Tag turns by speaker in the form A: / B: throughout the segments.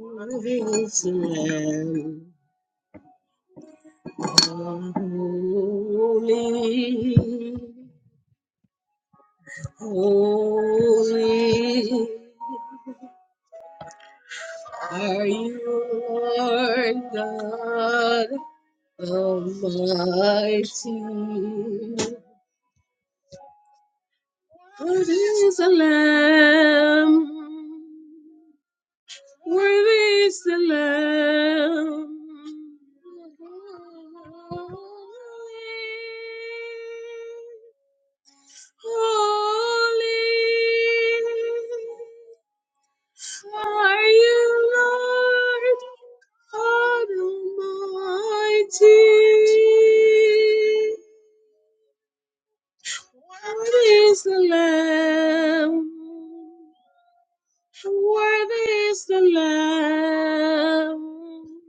A: Worthy is the Lamb. Holy, holy are you, Lord God Almighty. Worthy is the Lamb. Worthy is the Lamb. Holy. Holy are you, Lord God Almighty. Worthy is the Lamb. Worthy is the Lamb.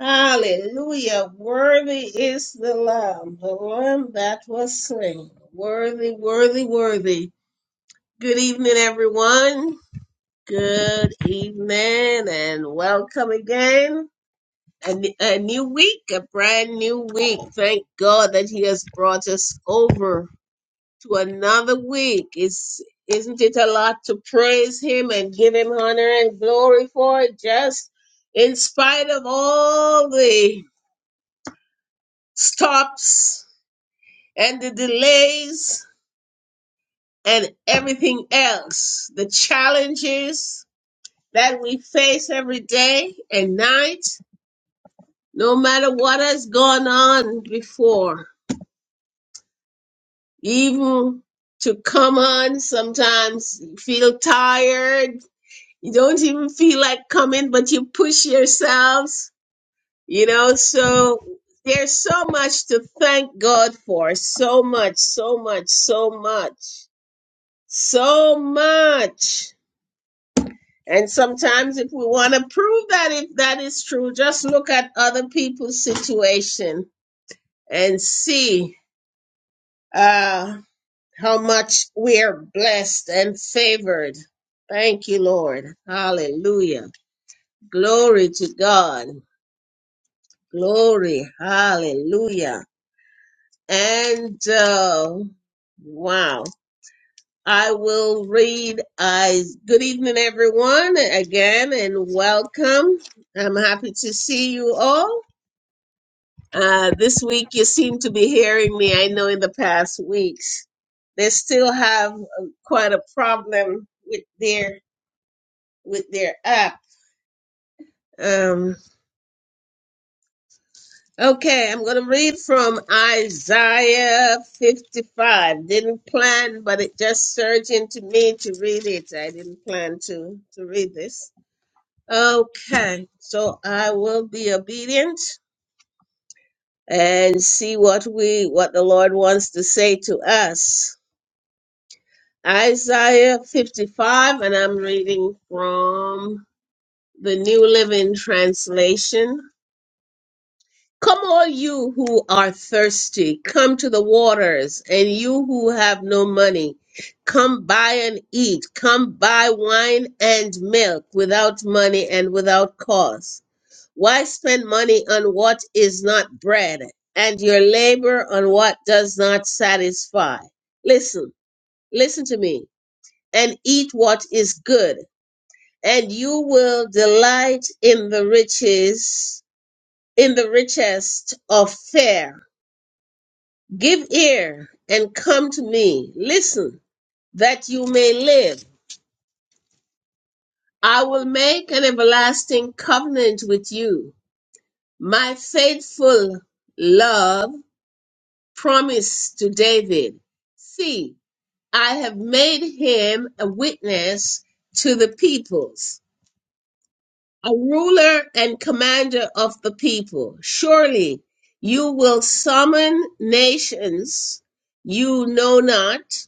A: Hallelujah. Worthy is the Lamb, the Lamb that was slain. Worthy, worthy, worthy. Good evening, everyone. Good evening, and welcome again. A, a new week, a brand new week. Thank God that He has brought us over to another week. It's, isn't it a lot to praise Him and give Him honor and glory for it? Just in spite of all the stops and the delays and everything else, the challenges that we face every day and night, no matter what has gone on before, even to come on, sometimes you feel tired, you don't even feel like coming, but you push yourselves, you know, so there's so much to thank God for, so much, so much, so much, so much. And sometimes, if we want to prove that if that is true, just look at other people's situation and see uh, how much we are blessed and favored. Thank you, Lord. Hallelujah. Glory to God. Glory. Hallelujah. And uh, wow. I will read. I good evening, everyone, again, and welcome. I'm happy to see you all. Uh, this week you seem to be hearing me. I know in the past weeks they still have uh, quite a problem with their with their app. Um, okay, I'm going to read from Isaiah 55. Didn't plan, but it just surged into me to read it. I didn't plan to to read this. Okay, so I will be obedient and see what we what the Lord wants to say to us. Isaiah 55, and I'm reading from the New Living Translation. Come, all you who are thirsty, come to the waters, and you who have no money, come buy and eat, come buy wine and milk without money and without cost. Why spend money on what is not bread, and your labor on what does not satisfy? Listen, listen to me, and eat what is good and you will delight in the riches in the richest of fare. Give ear and come to me. Listen, that you may live. I will make an everlasting covenant with you. My faithful love promise to David. See, I have made him a witness to the peoples a ruler and commander of the people. Surely you will summon nations you know not,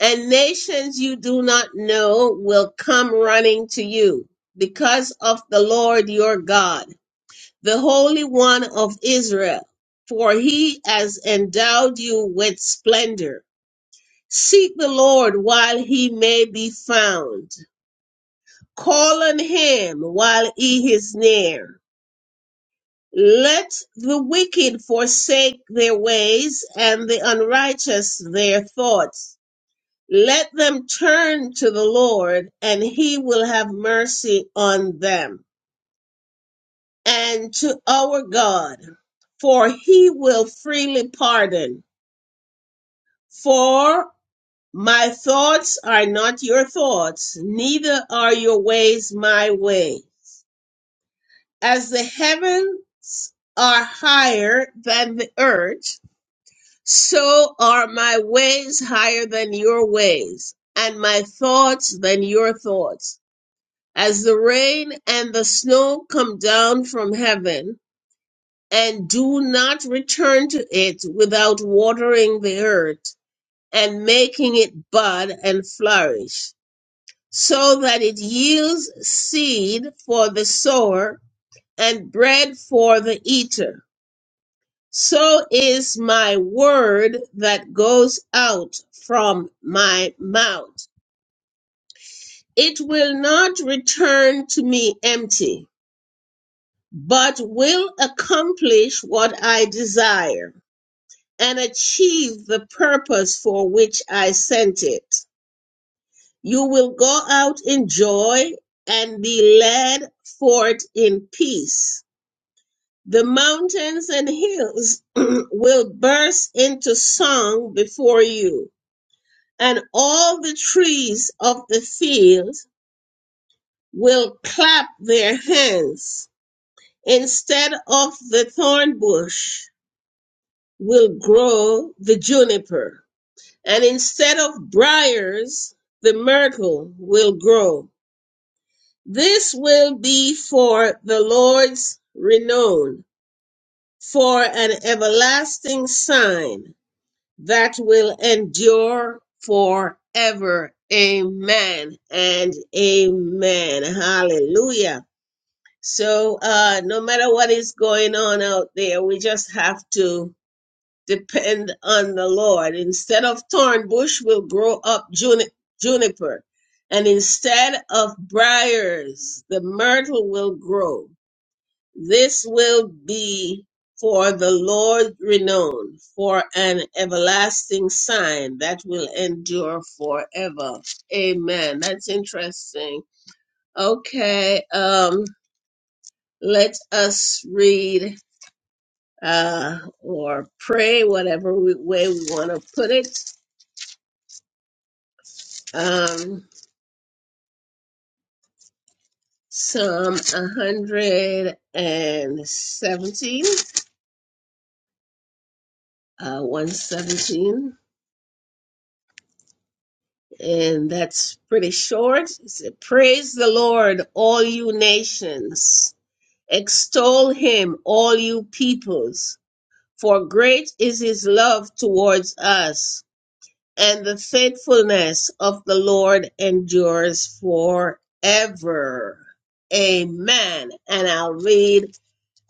A: and nations you do not know will come running to you because of the Lord your God, the Holy One of Israel, for he has endowed you with splendor. Seek the Lord while he may be found. Call on him while he is near Let the wicked forsake their ways and the unrighteous their thoughts. Let them turn to the Lord and he will have mercy on them and to our God, for he will freely pardon. For my thoughts are not your thoughts, neither are your ways my way. As the heavens are higher than the earth, So are my ways higher than your ways, and my thoughts than your thoughts. As the rain and the snow come down from heaven, and do not return to it without watering the earth, and making it bud and flourish, so that it yields seed for the sower and bread for the eater So is my word that goes out from my mouth. It will not return to me empty, but will accomplish what I desire and achieve the purpose for which I sent it. You will go out in joy and be led forth in peace. The mountains and hills will burst into song before you and all the trees of the field will clap their hands. Instead of the thorn bush will grow the juniper, and instead of briars, the myrtle will grow. This will be for the Lord's renown, for an everlasting sign that will endure forever. Amen and amen. Hallelujah. So, uh, no matter what is going on out there, we just have to depend on the Lord. Instead of thorn bush, we'll grow up juni- juniper. And instead of briars, the myrtle will grow. This will be for the Lord's renown, for an everlasting sign that will endure forever. Amen. That's interesting. Okay, um, let us read uh, or pray, whatever we, way we want to put it. Um, Psalm 117, uh, 117. And that's pretty short. It said, Praise the Lord, all you nations. Extol him, all you peoples. For great is his love towards us, and the faithfulness of the Lord endures forever. Amen. And I'll read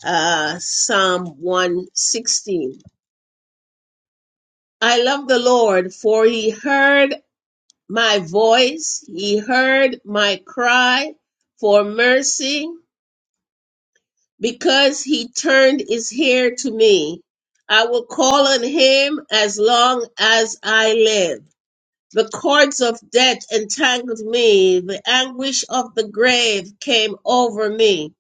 A: uh, Psalm 116. I love the Lord, for he heard my voice. He heard my cry for mercy because he turned his ear to me. I will call on him as long as I live. The cords of death entangled me. The anguish of the grave came over me.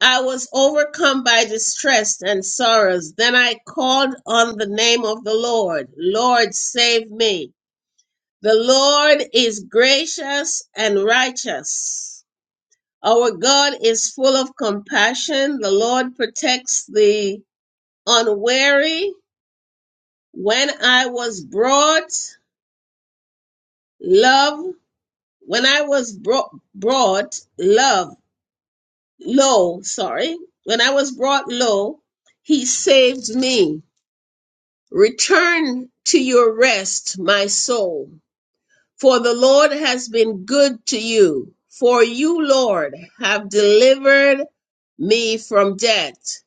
A: I was overcome by distress and sorrows. Then I called on the name of the Lord. Lord, save me. The Lord is gracious and righteous. Our God is full of compassion. The Lord protects the unwary. When I was brought, love, when I was brought, brought love, low, sorry, when I was brought low, he saved me. Return to your rest, my soul. For the Lord has been good to you. For you, Lord, have delivered me from death,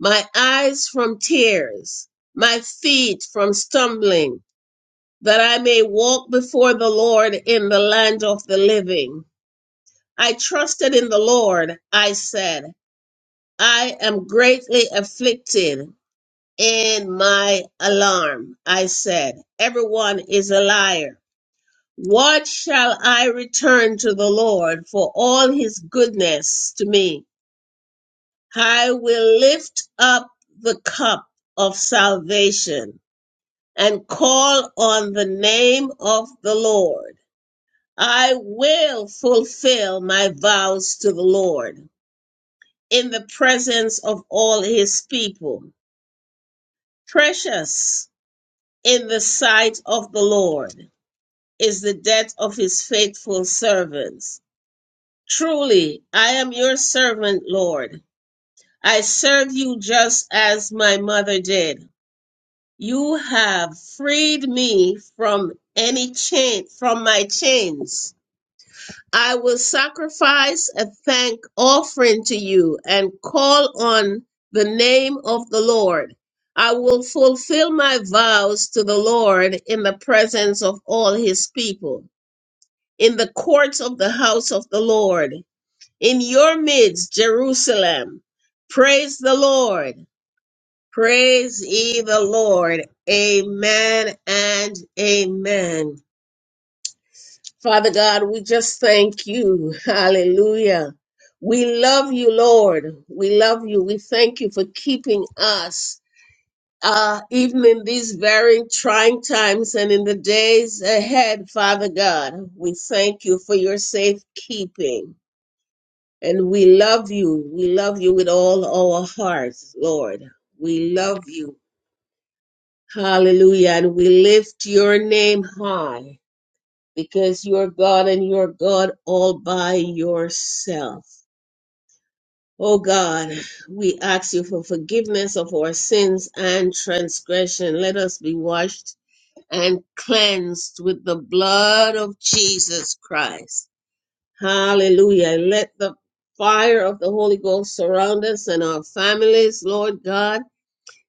A: my eyes from tears, my feet from stumbling, that I may walk before the Lord in the land of the living. I trusted in the Lord, I said, I am greatly afflicted in my alarm. I said, Everyone is a liar. What shall I return to the Lord for all his goodness to me? I will lift up the cup of salvation and call on the name of the Lord. I will fulfill my vows to the Lord in the presence of all his people. Precious in the sight of the Lord is the death of his faithful servants Truly, I am your servant, Lord. I serve you just as my mother did. You have freed me from any chain, from my chains. I will sacrifice a thank offering to you and call on the name of the Lord. I will fulfill my vows to the Lord in the presence of all his people, in the courts of the house of the Lord. in your midst, Jerusalem. Praise the Lord. Praise ye the Lord. Amen and amen. Father God, we just thank you. Hallelujah. We love you, Lord. We love you. We thank you for keeping us. Uh, even in these very trying times and in the days ahead, Father God, we thank you for your safekeeping. And we love you. We love you with all our hearts, Lord. We love you. Hallelujah. And we lift your name high because you're God and you're God all by yourself. Oh God, we ask you for forgiveness of our sins and transgression. Let us be washed and cleansed with the blood of Jesus Christ. Hallelujah. Let the fire of the Holy Ghost surround us and our families, Lord God,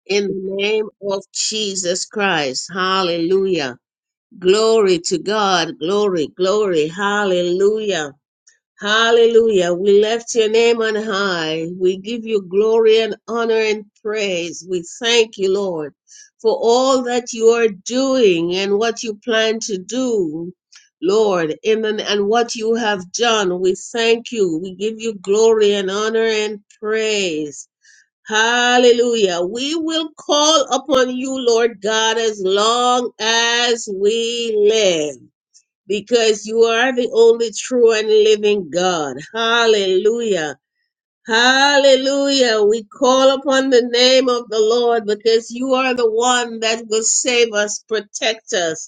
A: in the name of Jesus Christ. Hallelujah. Glory to God. Glory, glory. Hallelujah. Hallelujah. We lift your name on high. We give you glory and honor and praise. We thank you, Lord, for all that you are doing and what you plan to do. Lord, in the, and what you have done, we thank you. We give you glory and honor and praise. Hallelujah. We will call upon you, Lord God, as long as we live because you are the only true and living God. Hallelujah. Hallelujah. We call upon the name of the Lord because you are the one that will save us, protect us.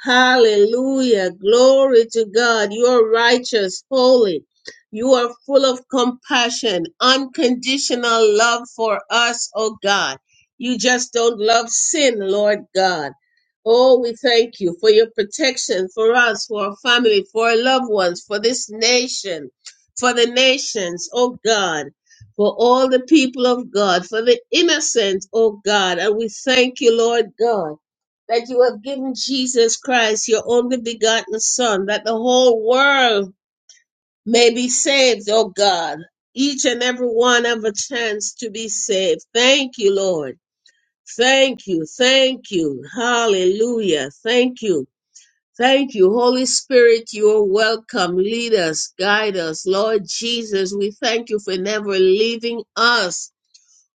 A: Hallelujah. Glory to God. You are righteous, holy. You are full of compassion, unconditional love for us, oh God. You just don't love sin, Lord God. Oh, we thank you for your protection for us, for our family, for our loved ones, for this nation, for the nations, oh God, for all the people of God, for the innocent, oh God. And we thank you, Lord God that you have given Jesus Christ, your only begotten Son, that the whole world may be saved, oh God. Each and every one have a chance to be saved. Thank you, Lord. Thank you. Thank you. Hallelujah. Thank you. Thank you. Holy Spirit, you are welcome. Lead us, guide us. Lord Jesus, we thank you for never leaving us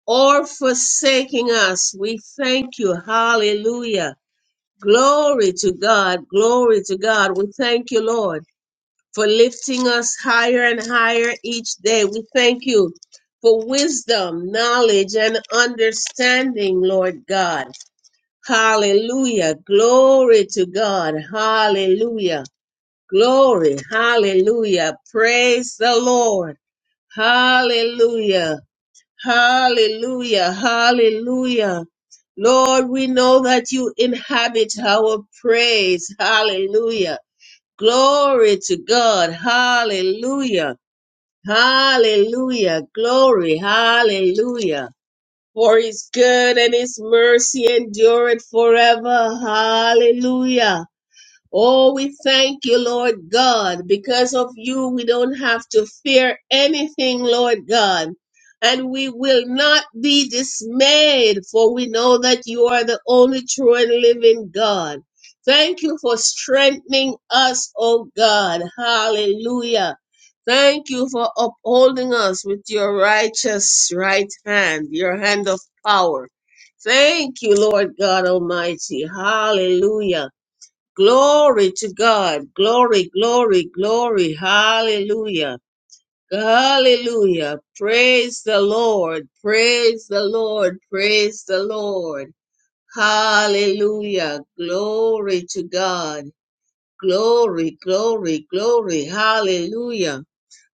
A: or forsaking us. We thank you. Hallelujah. Glory to God. Glory to God. We thank you, Lord, for lifting us higher and higher each day. We thank you for wisdom, knowledge, and understanding, Lord God. Hallelujah. Glory to God. Hallelujah. Glory. Hallelujah. Praise the Lord. Hallelujah. Hallelujah. Hallelujah. Lord, we know that you inhabit our praise. Hallelujah. Glory to God. Hallelujah. Hallelujah. Glory. Hallelujah. For his good and his mercy endureth forever. Hallelujah. Oh, we thank you, Lord God. Because of you, we don't have to fear anything, Lord God. And we will not be dismayed, for we know that you are the only true and living God. Thank you for strengthening us, oh God. Hallelujah. Thank you for upholding us with your righteous right hand, your hand of power. Thank you, Lord God Almighty. Hallelujah. Glory to God. Glory, glory, glory. Hallelujah. Hallelujah. Praise the Lord. Praise the Lord. Praise the Lord. Hallelujah. Glory to God. Glory, glory, glory. Hallelujah.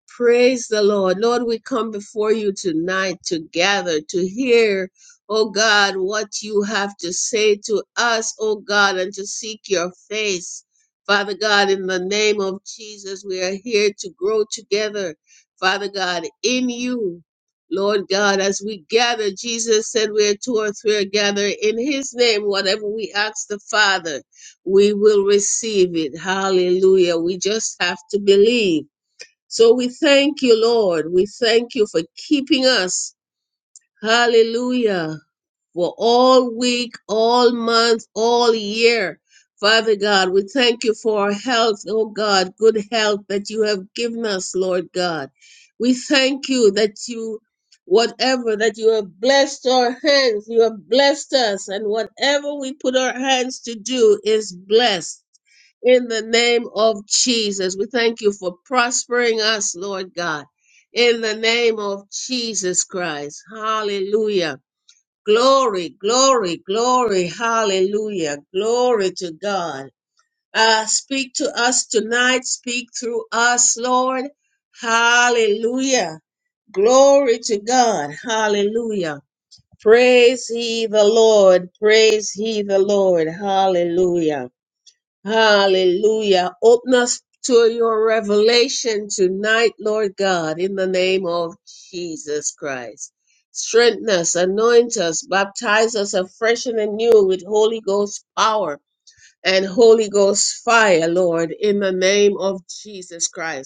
A: Praise the Lord. Lord, we come before you tonight together to hear, oh God, what you have to say to us, oh God, and to seek your face. Father God, in the name of Jesus, we are here to grow together, Father God, in you. Lord God, as we gather, Jesus said, Where two or three are gathered in His name, whatever we ask the Father, we will receive it. Hallelujah. We just have to believe. So we thank you, Lord. We thank you for keeping us. Hallelujah for all week, all month, all year. Father God, we thank you for our health, oh God, good health that you have given us, Lord God. We thank you that you, whatever, that you have blessed our hands, you have blessed us, and whatever we put our hands to do is blessed. In the name of Jesus, we thank you for prospering us, Lord God. In the name of Jesus Christ. Hallelujah. Glory, glory, glory. Hallelujah. Glory to God. Uh, speak to us tonight. Speak through us, Lord. Hallelujah. Glory to God. Hallelujah. Praise ye the Lord. Praise ye the Lord. Hallelujah. Hallelujah. Open us to your revelation tonight, Lord God, in the name of Jesus Christ. Strengthen us, anoint us, baptize us afresh and anew with Holy Ghost power and Holy Ghost fire, Lord, in the name of Jesus Christ.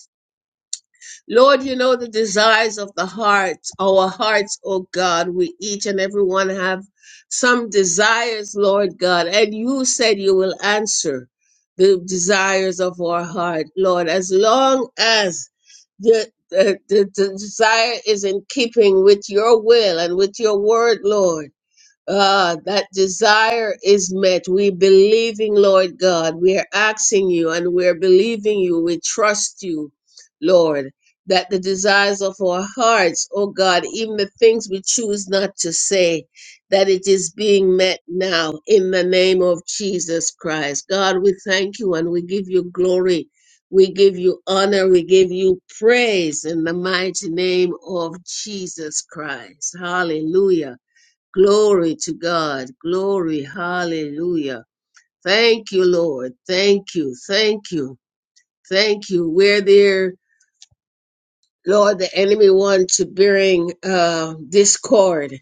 A: Lord, you know the desires of the hearts, our hearts, oh God. We each and every one have some desires, Lord God, and you said you will answer the desires of our heart, Lord, as long as the, the, the, the desire is in keeping with your will and with your word, Lord. Ah, that desire is met. We believing, Lord God. We are asking you and we are believing you. We trust you, Lord, that the desires of our hearts, oh God, even the things we choose not to say, that it is being met now in the name of Jesus Christ. God, we thank you and we give you glory. We give you honor. We give you praise in the mighty name of Jesus Christ. Hallelujah. Glory to God. Glory. Hallelujah. Thank you, Lord. Thank you. Thank you. Thank you. Where there, Lord, the enemy want to bring uh, discord.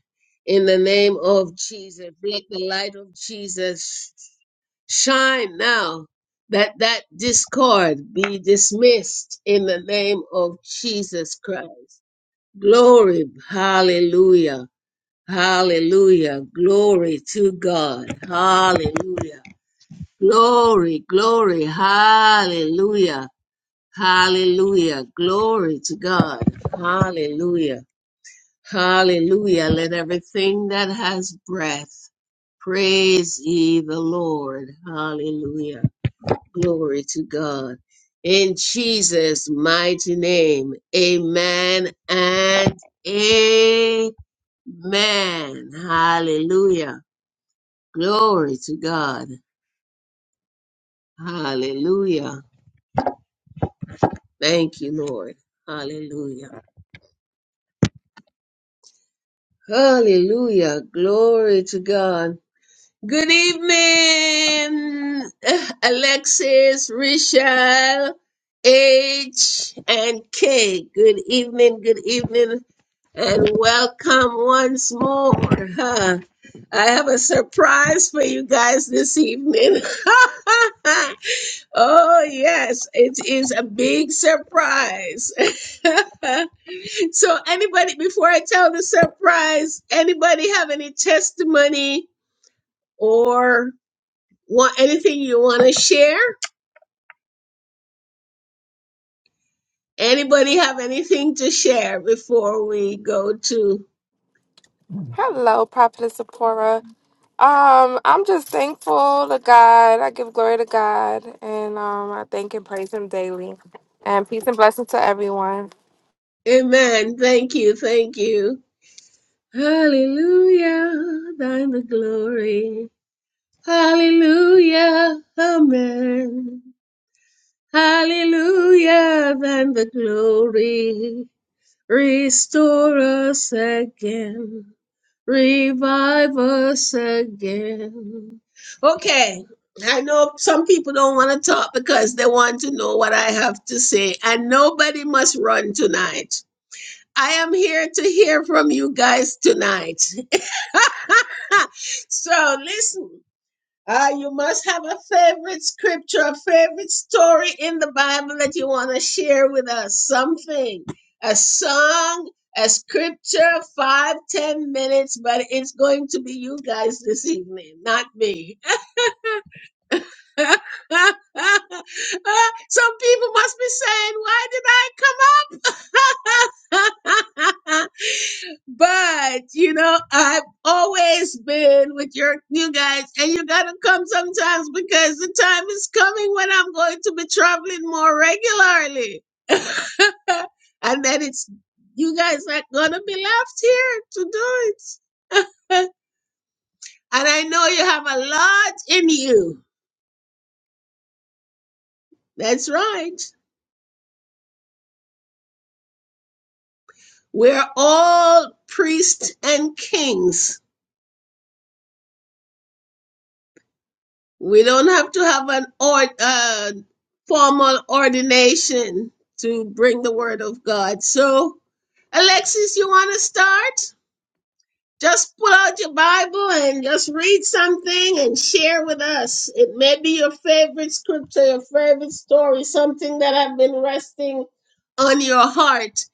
A: In the name of Jesus, let the light of Jesus shine now. That that discord be dismissed in the name of Jesus Christ. Glory. Hallelujah. Hallelujah. Glory to God. Hallelujah. Glory, glory. Hallelujah. Hallelujah. Glory to God. Hallelujah. Hallelujah. Let everything that has breath praise ye the Lord. Hallelujah. Glory to God. In Jesus' mighty name, amen and amen. Hallelujah. Glory to God. Hallelujah. Thank you, Lord. Hallelujah. Hallelujah. Glory to God. Good evening, Alexis, Richelle, H, and K. Good evening, good evening, and welcome once more. Huh? I have a surprise for you guys this evening. Oh, yes, it is a big surprise. so, anybody, before I tell the surprise, anybody have any testimony or want anything you want to share? Anybody have anything to share before we go to?
B: Hello, Prophetess Sephora. Um, I'm just thankful to God. I give glory to God, and um, I thank and praise Him daily. And peace and blessing to everyone.
A: Amen. Thank you. Thank you. Hallelujah. Thine the glory. Hallelujah. Amen. Hallelujah, then the glory. Restore us again. Revive us again. Okay, I know some people don't want to talk because they want to know what I have to say, and nobody must run tonight. I am here to hear from you guys tonight. so listen. Ah, you must have a favorite scripture, a favorite story in the Bible that you want to share with us. Something, a song, a scripture, five, ten minutes, but it's going to be you guys this evening, not me. Some people must be saying, Why did I come up? But you know, I've always been with your you guys, and you gotta come sometimes because the time is coming when I'm going to be traveling more regularly. and then it's you guys are gonna be left here to do it. and I know you have a lot in you. That's right. We're all priests and kings We don't have to have an or uh, formal ordination to bring the word of God. So, Alexis, you want to start? Just pull out your Bible and just read something and share with us. It may be your favorite scripture, your favorite story, something that have been resting on your heart.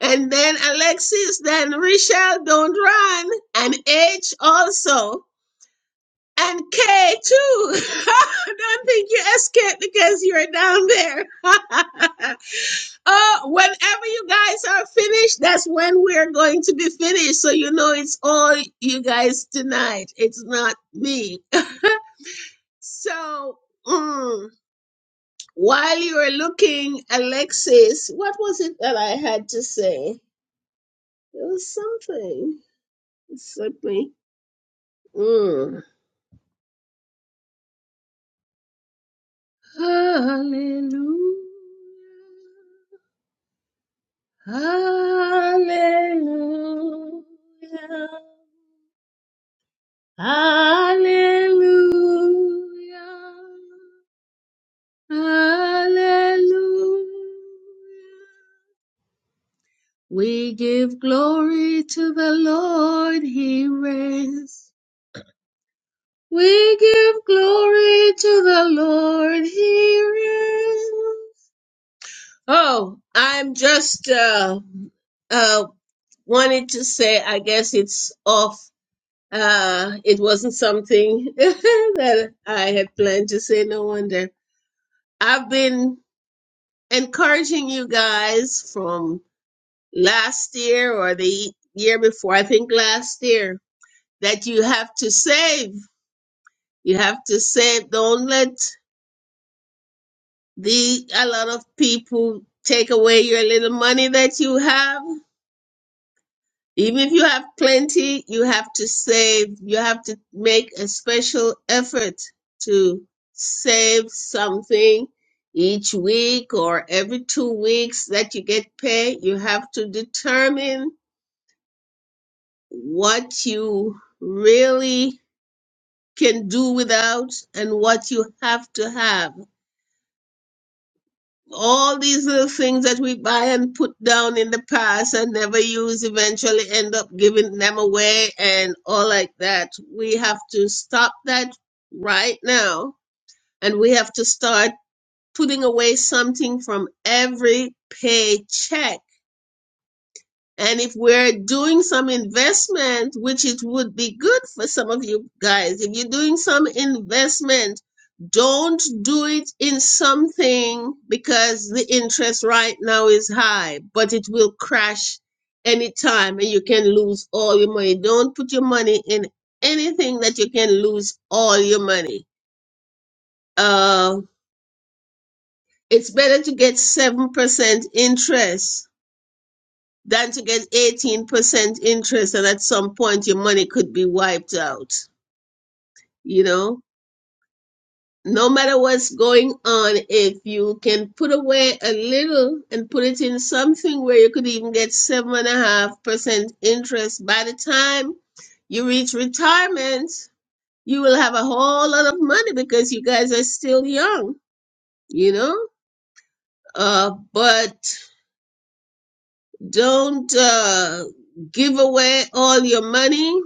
A: And then Alexis, then Richelle, don't run, and H also. And K too. Don't think you escaped because you're down there. oh, whenever you guys are finished, that's when we're going to be finished. So you know it's all you guys tonight. It's not me. So mm, while you are looking, Alexis, what was it that I had to say? There was something. Something. Mm. Hallelujah. Hallelujah. Hallelujah. Hallelujah. We give glory to the Lord, He reigns. We give glory to the Lord, He reigns. Oh, I'm just, uh, uh, wanted to say, I guess it's off. Uh, it wasn't something that I had planned to say, no wonder. I've been encouraging you guys from last year or the year before, I think last year, that you have to save. You have to save. Don't let the a lot of people take away your little money that you have. Even if you have plenty, you have to save. You have to make a special effort to save something each week or every two weeks that you get pay. You have to determine what you really can do without and what you have to have. all these little things that we buy and put down in the past and never use eventually end up giving them away and all like that. We have to stop that right now and we have to start putting away something from every paycheck and if we're doing some investment, which it would be good for some of you guys, if you're doing some investment, don't do it in something because the interest right now is high, but it will crash anytime and you can lose all your money. Don't put your money in anything that you can lose all your money. Uh, it's better to get 7% interest than to get 18% interest and at some point your money could be wiped out. You know, no matter what's going on, if you can put away a little and put it in something where you could even get 7.5% interest by the time you reach retirement, you will have a whole lot of money because you guys are still young, you know? Uh, but don't uh, give away all your money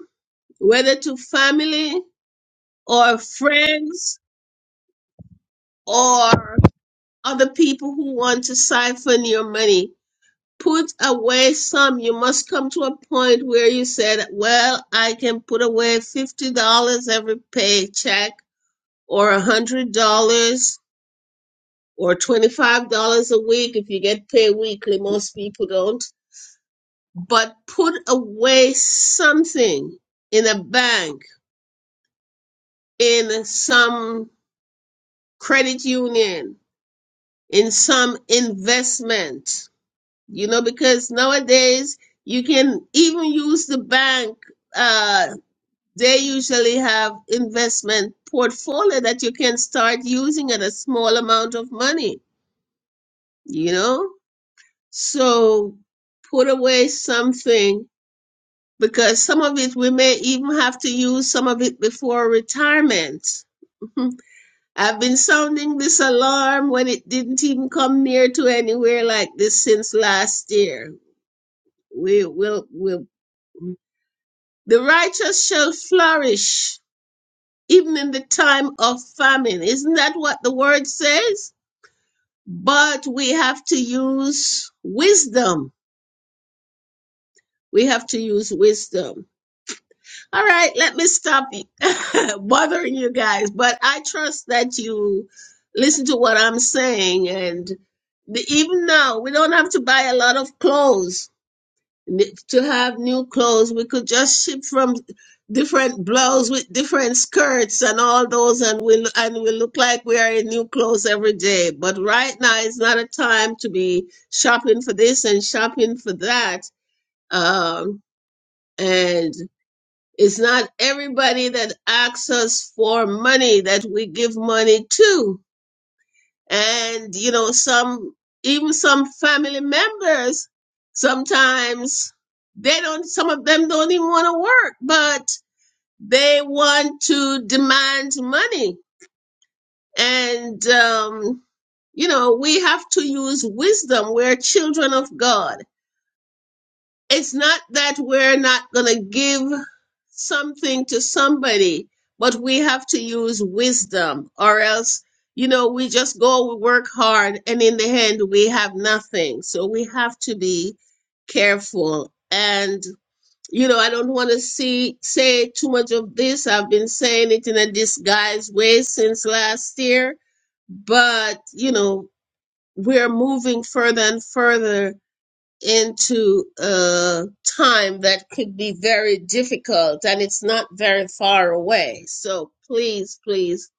A: whether to family or friends or other people who want to siphon your money. Put away some. You must come to a point where you said, Well, I can put away $50 every paycheck, or $100, or $25 a week if you get paid weekly. Most people don't. But put away something in a bank, in some credit union, in some investment, you know, because nowadays you can even use the bank. Uh, they usually have investment portfolio that you can start using at a small amount of money, you know? So put away something because some of it we may even have to use some of it before retirement. I've been sounding this alarm when it didn't even come near to anywhere like this since last year. We will, will, the righteous shall flourish even in the time of famine. Isn't that what the word says? But we have to use wisdom. We have to use wisdom All right, let me stop bothering you guys, but I trust that you listen to what I'm saying. And the, even now, we don't have to buy a lot of clothes N- to have new clothes. We could just ship from different blouses with different skirts and all those, and we and we look like we are in new clothes every day. But right now, it's not a time to be shopping for this and shopping for that. Um, and it's not everybody that asks us for money that we give money to. And, you know, some, even some family members, sometimes they don't, some of them don't even want to work, but they want to demand money. And, um, you know, we have to use wisdom. We're children of God it's not that we're not going to give something to somebody, but we have to use wisdom, or else, you know, we just go, we work hard, and in the end, we have nothing. So we have to be careful. And, you know, I don't want to see say too much of this. I've been saying it in a disguised way since last year, but, you know, we're moving further and further into a time that could be very difficult and it's not very far away. So please, please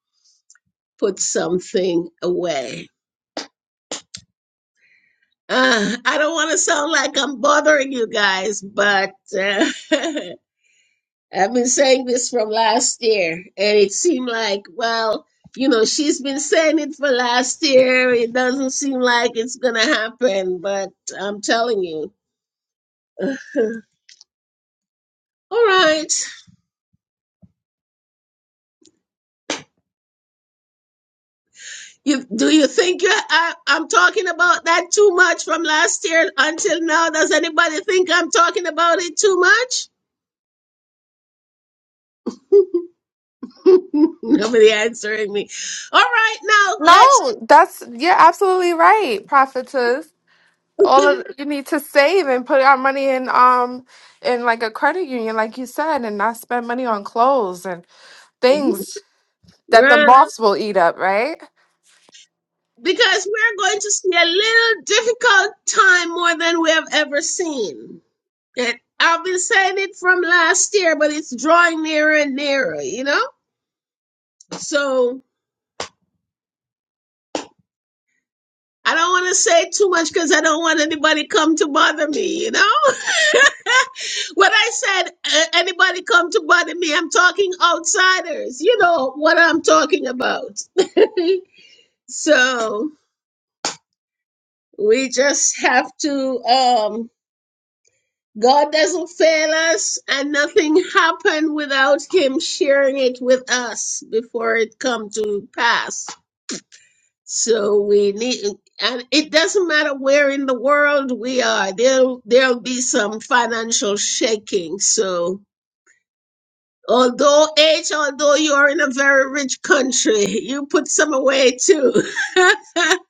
A: put something away. Uh, I don't want to sound like I'm bothering you guys, but uh, I've been saying this from last year, and it seemed like, well, you know, she's been saying it for last year. It doesn't seem like it's going to happen, but I'm telling you. All right. You, do you think you I, I'm talking about that too much from last year until now? Does anybody think I'm talking about it too much? Nobody answering me. All right, now let's
B: No, that's you're absolutely right, prophetess. All of you need to save and put our money in um in like a credit union, like you said, and not spend money on clothes and things that the
A: right
B: moths will eat up. Right?
A: because we're going to see a little difficult time more than we have ever seen. It, I've been saying it from last year, but it's drawing nearer and nearer. You know, so I don't want to say too much because I don't want anybody come to bother me, you know? when I said uh, anybody come to bother me, I'm talking outsiders. You know what I'm talking about. so we just have to um God doesn't fail us and nothing happened without him sharing it with us before it come to pass. So we need, and it doesn't matter where in the world we are, there'll, there'll be some financial shaking. So, although H, although you are in a very rich country, you put some away too.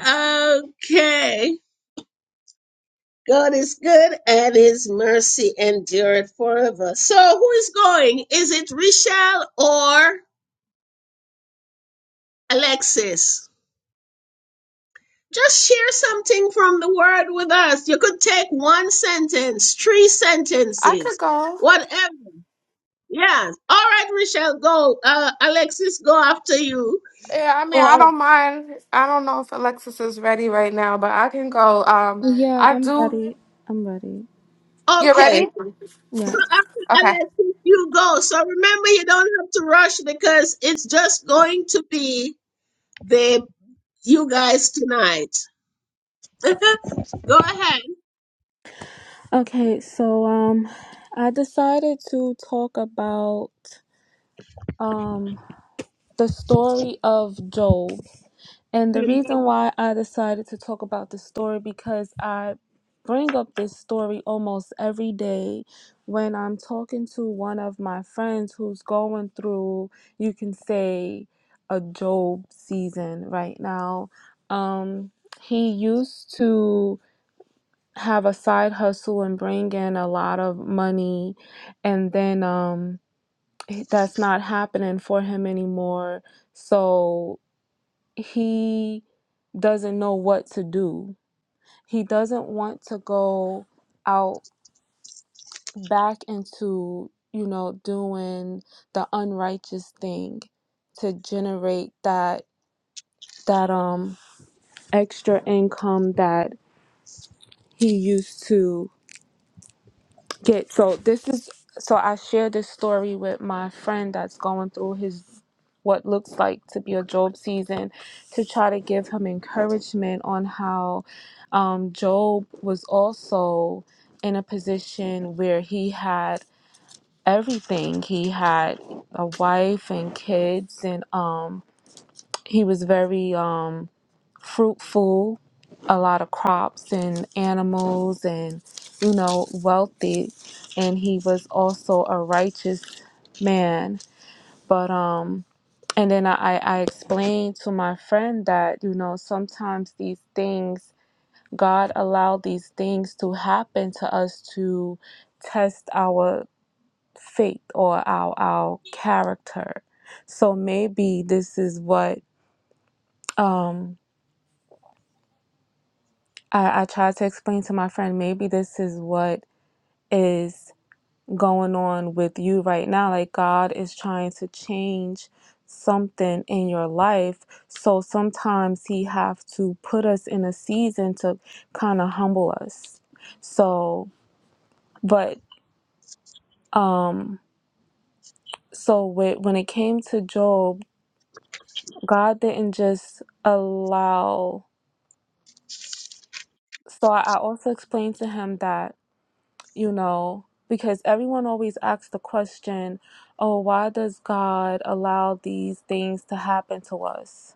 A: okay. God is good and his mercy endureth forever. So, who is going? Is it Richelle or Alexis? Just share something from the word with us. You could take one sentence, three
B: I could
A: sentences,
B: go.
A: whatever. Yes. All right, Michelle, go. Uh, Alexis, go after you.
B: Yeah, I mean, I
A: Or,
B: don't mind. I don't know if Alexis is ready right now, but I can go. Um,
C: Yeah,
B: I
C: I'm
B: do.
C: ready. I'm ready.
B: You
A: okay.
B: ready?
A: So
C: Yeah.
A: after
B: Okay.
A: Alexis, you go. So remember, you don't have to rush because it's just going to be the you guys tonight. go ahead.
C: Okay, so um I decided to talk about um the story of Job. And the
A: Mm,
C: reason why I decided to talk about this story because I bring up this story almost every day when I'm talking to one of my friends who's going through, you can say, a Job season right now. Um, he used to have a side hustle and bring in a lot of money and then um that's not happening for him anymore so he doesn't know what to do he doesn't want to go out back into you know doing the unrighteous thing to generate that that um extra income that he used to get so this is so I shared this story with my friend that's going through his what looks like to be a Job season to try to give him encouragement on how um, Job was also in a position where he had everything. He had a wife and kids and um he was very um fruitful, a lot of crops and animals, and you know, wealthy. And he was also a righteous man. But um, and then I I explained to my friend that you know sometimes these things God allowed these things to happen to us to test our faith or our our character. So maybe this is what um I, I tried to explain to my friend, maybe this is what is going on with you right now. Like, God is trying to change something in your life. So sometimes He have to put us in a season to kind of humble us. So, but, um, so with, when it came to Job, God didn't just allow. So I I also explained to him that you know, because everyone always asks the question, oh, why does God allow these things to happen to us?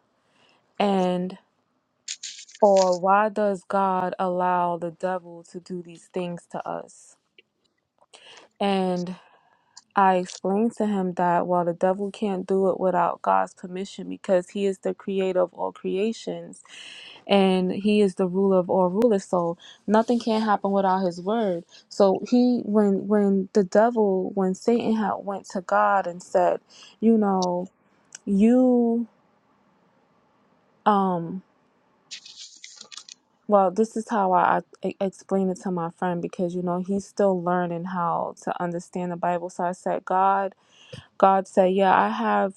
C: And, or why does God allow the devil to do these things to us? And I explained to him that while the devil can't do it without God's permission because he is the creator of all creations and he is the ruler of all rulers. So nothing can happen without his word. So he when when the devil when Satan had went to God and said, you know, you um well this is how I, I explained it to my friend because you know he's still learning how to understand the Bible. So I said, God God said, Yeah, I have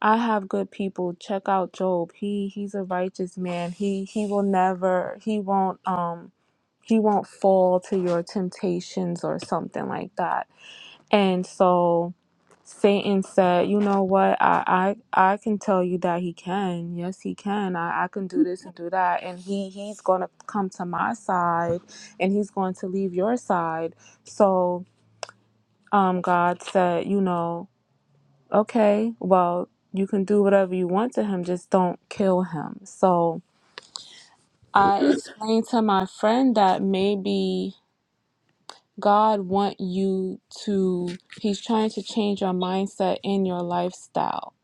C: I have good people. Check out Job. He he's a righteous man. He he will never he won't um he won't fall to your temptations or something like that. And so Satan said, You know what? I I, I can tell you that he can. Yes, he can. I, I can do this and do that. And he he's gonna come to my side and he's going to leave your side. So um God said, you know, okay, well, you can do whatever you want to him, just don't kill him. So I explained to my friend that maybe God want you to he's trying to change your mindset and your lifestyle.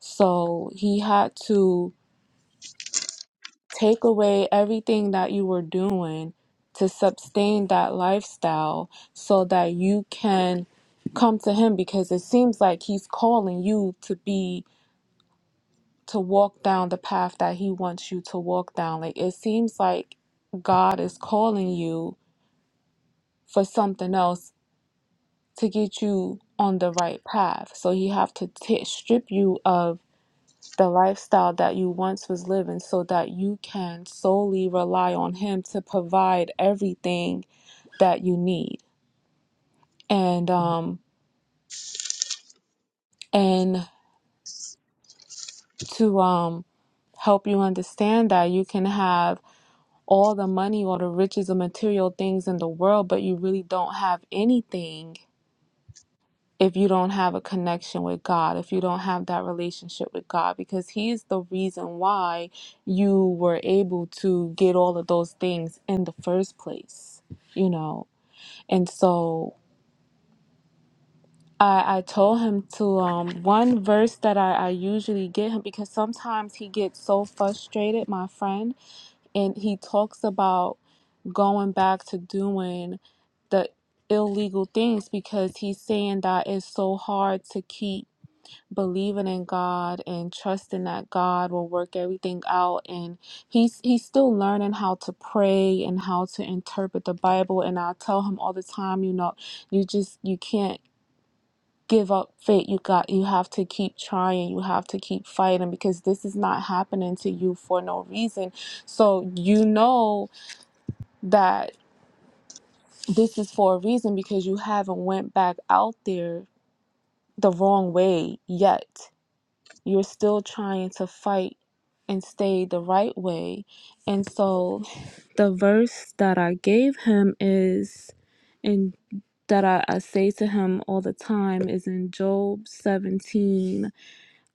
C: So he had to take away everything that you were doing to sustain that lifestyle so that you can come to him because it seems like he's calling you to be to walk down the path that he wants you to walk down. Like it seems like God is calling you for something else to get you on the right path. So he have to t- strip you of the lifestyle that you once was living so that you can solely rely on him to provide everything that you need. And um and to um help you understand that you can have all the money or the riches of material things in the world, but you really don't have anything if you don't have a connection with God, if you don't have that relationship with God, because He is the reason why you were able to get all of those things in the first place, you know. And so I, I told him to um one verse that I, I usually get him because sometimes he gets so frustrated, my friend, and he talks about going back to doing the illegal things because he's saying that it's so hard to keep believing in God and trusting that God will work everything out and he's he's still learning how to pray and how to interpret the Bible and I tell him all the time you know you just you can't give up faith you got you have to keep trying you have to keep fighting because this is not happening to you for no reason so you know that this is for a reason because you haven't went back out there the wrong way yet you're still trying to fight and stay the right way and so the verse that i gave him is and that I, I say to him all the time is in job 17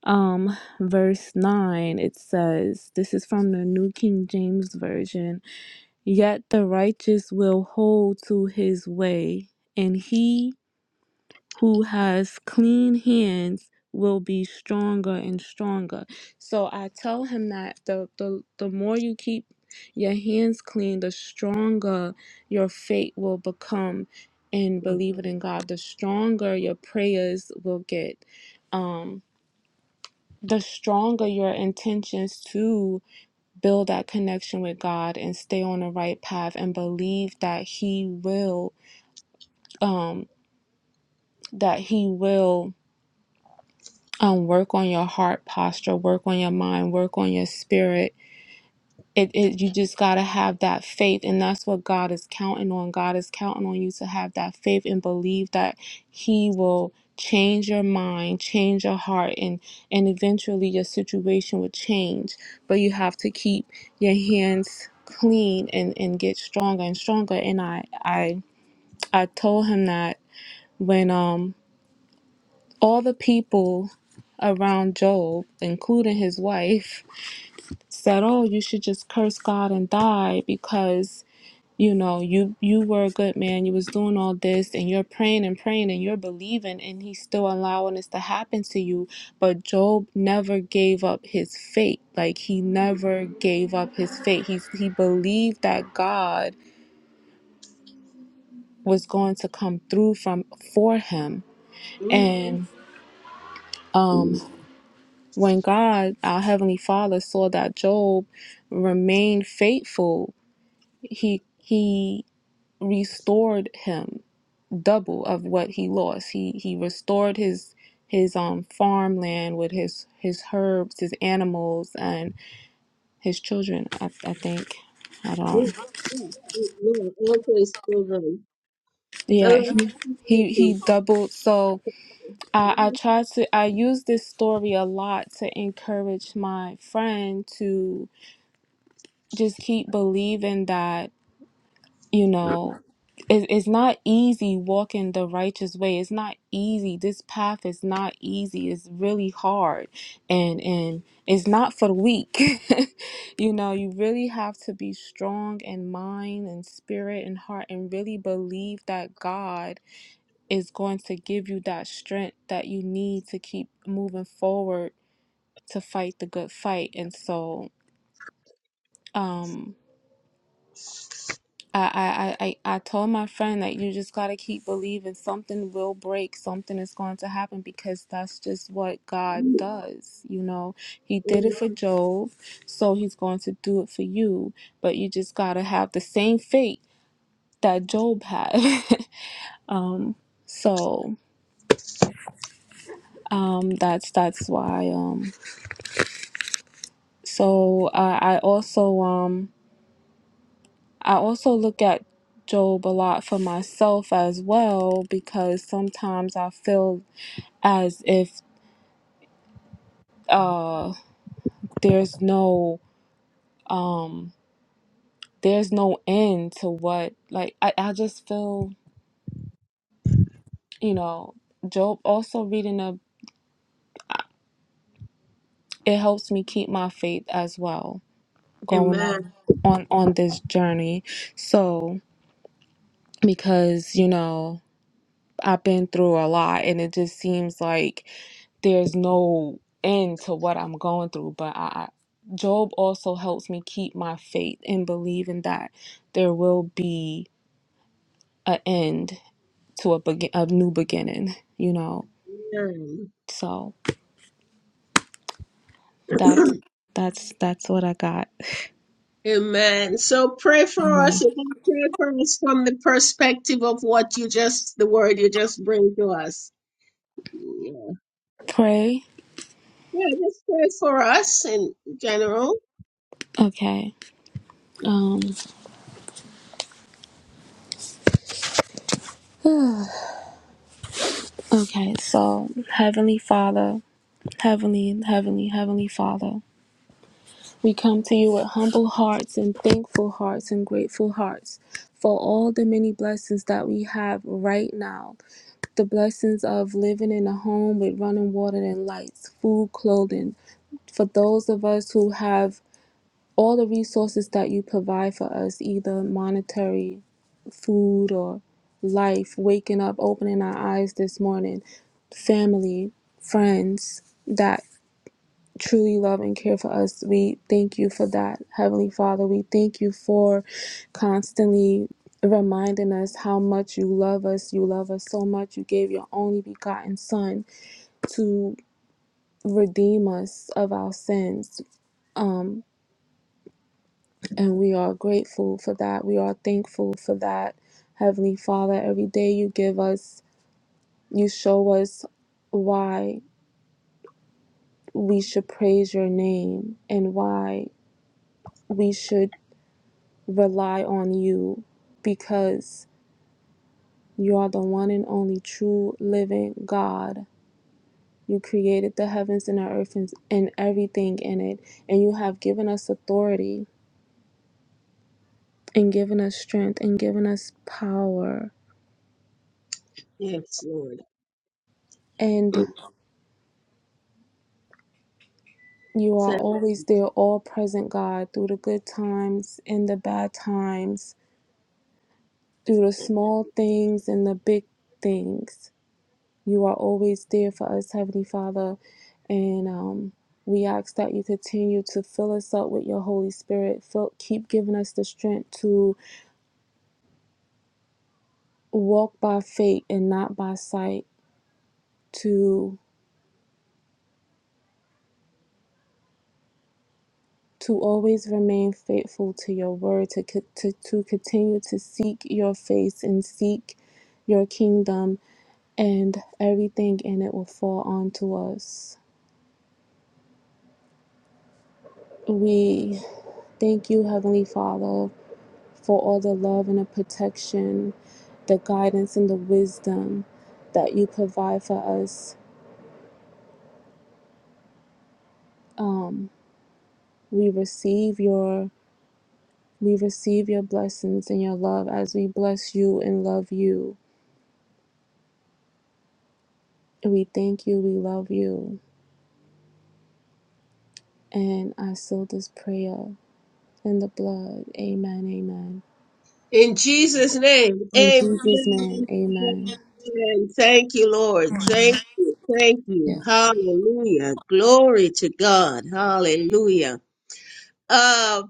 C: um verse 9 it says this is from the new king james version yet the righteous will hold to his way and he who has clean hands will be stronger and stronger. So I tell him that the the, the more you keep your hands clean, the stronger your faith will become and believe it in God, the stronger your prayers will get. Um the stronger your intentions to build that connection with God and stay on the right path and believe that he will um that he will um, work on your heart posture, work on your mind, work on your spirit. It, it you just gotta have that faith, and that's what God is counting on. God is counting on you to have that faith and believe that He will change your mind, change your heart, and and eventually your situation will change. But you have to keep your hands clean and and get stronger and stronger. And I I I told him that when um all the people around Job, including his wife, said, "Oh, you should just curse God and die because you know you you were a good man. You was doing all this, and you're praying and praying, and you're believing, and He's still allowing this to happen to you." But Job never gave up his faith. Like he never gave up his faith. He he believed that God was going to come through from for him,
A: mm, mm,
C: and. um.
A: mm.
C: When God, our heavenly Father, saw that Job remained faithful, he he restored him double of what he lost. He he restored his his um farmland with his his herbs, his animals, and his children. I, I think I
A: Yeah,
C: don't.
A: yeah, yeah, yeah. Okay, Steven.
C: Yeah,
A: Tell
C: he he, he doubled. So I I
A: Amen.
C: try to I use this story a lot to encourage my friend to just keep believing that you know it, it's not easy walking the righteous way it's not easy this path is not easy it's really hard and and it's not for the weak you know you really have to be strong in mind and spirit and heart and really believe that god is going to give you that strength that you need to keep moving forward to fight the good fight and so um. I, I, I, I told my friend that you just got to keep believing something will break, something is going to happen because that's just what God does. You know, He did it for Job, so He's going to do it for you. But you just got to have the same faith that Job had. um, so um, that's that's why. Um, so I I also um, I also look at Job a lot for myself as well because sometimes I feel as if uh there's no um there's no end to what like I, I just feel you know job also reading a it helps me keep my faith as well going
A: Amen.
C: on on on this journey so because you know i've been through a lot and it just seems like there's no end to what i'm going through but i I- job also helps me keep my faith and believing that there will be a end to a begin a new beginning, you know. So that's that's that's what I got.
A: Amen. So pray for us.
C: Amen.
A: You can pray for us from the perspective of what you just, the word you just bring to us. Yeah,
C: Pray.
A: yeah just pray for us in general.
C: Okay. Um okay, so Heavenly Father, Heavenly, Heavenly, Heavenly Father, we come to you with humble hearts and thankful hearts and grateful hearts for all the many blessings that we have right now. The blessings of living in a home with running water and lights, food, clothing. For those of us who have all the resources that you provide for us, either monetary, food, or life, waking up, opening our eyes this morning, family, friends that truly love and care for us. We thank you for that, Heavenly Father. We thank you for constantly reminding us how much you love us. You love us so much. You gave your only begotten Son to redeem us of our sins. Um, And we are grateful for that. We are thankful for that. Heavenly Father, every day you give us, you show us why we should praise your name and why we should rely on you because you are the one and only true living God. You created the heavens and the earth and and everything in it, and you have given us authority and given us strength and given us power.
A: Yes, Lord.
C: and. You are always there, all present, God, through the good times and the bad times, through the small things and the big things. You are always there for us, Heavenly Father. And um, we ask that you continue to fill us up with your Holy Spirit. Fill, keep giving us the strength to walk by faith and not by sight, to to always remain faithful to your word, to, co- to, to continue to seek your face and seek your kingdom and everything in it will fall onto us. We thank you, Heavenly Father, for all the love and the protection, the guidance and the wisdom that you provide for us. Um, we receive your we receive your blessings and your love as we bless you and love you. We thank you, we love you. And I seal this prayer in the blood. Amen, amen.
A: In Jesus' name,
C: In
A: amen.
C: Jesus' name, amen.
A: amen. Thank you, Lord.
C: Amen.
A: Thank you. Thank
C: Yeah.
A: you. Hallelujah. Glory to God. Hallelujah. Uh,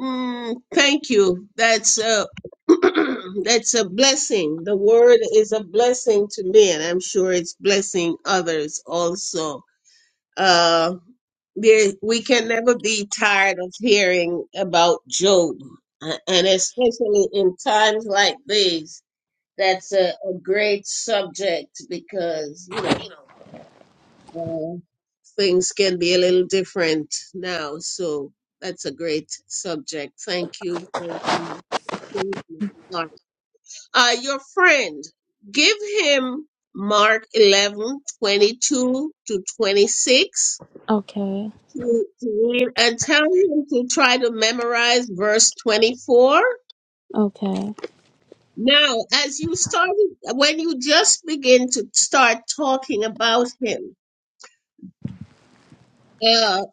A: mm, thank you. That's a that's a blessing. The word is a blessing to me, and I'm sure it's blessing others also. Uh, there, we can never be tired of hearing about Job, a- and especially in times like these. That's a, a great subject because you know things can be a little different now. So that's a great subject. Thank you. Thank you. Thank you, Mark. Uh, your friend, give him Mark 11 22 to 26
C: Okay,
A: to, to read and tell him to try to memorize verse 24.
C: okay,
A: Now, as you started, when you just begin to start talking about him, Uh,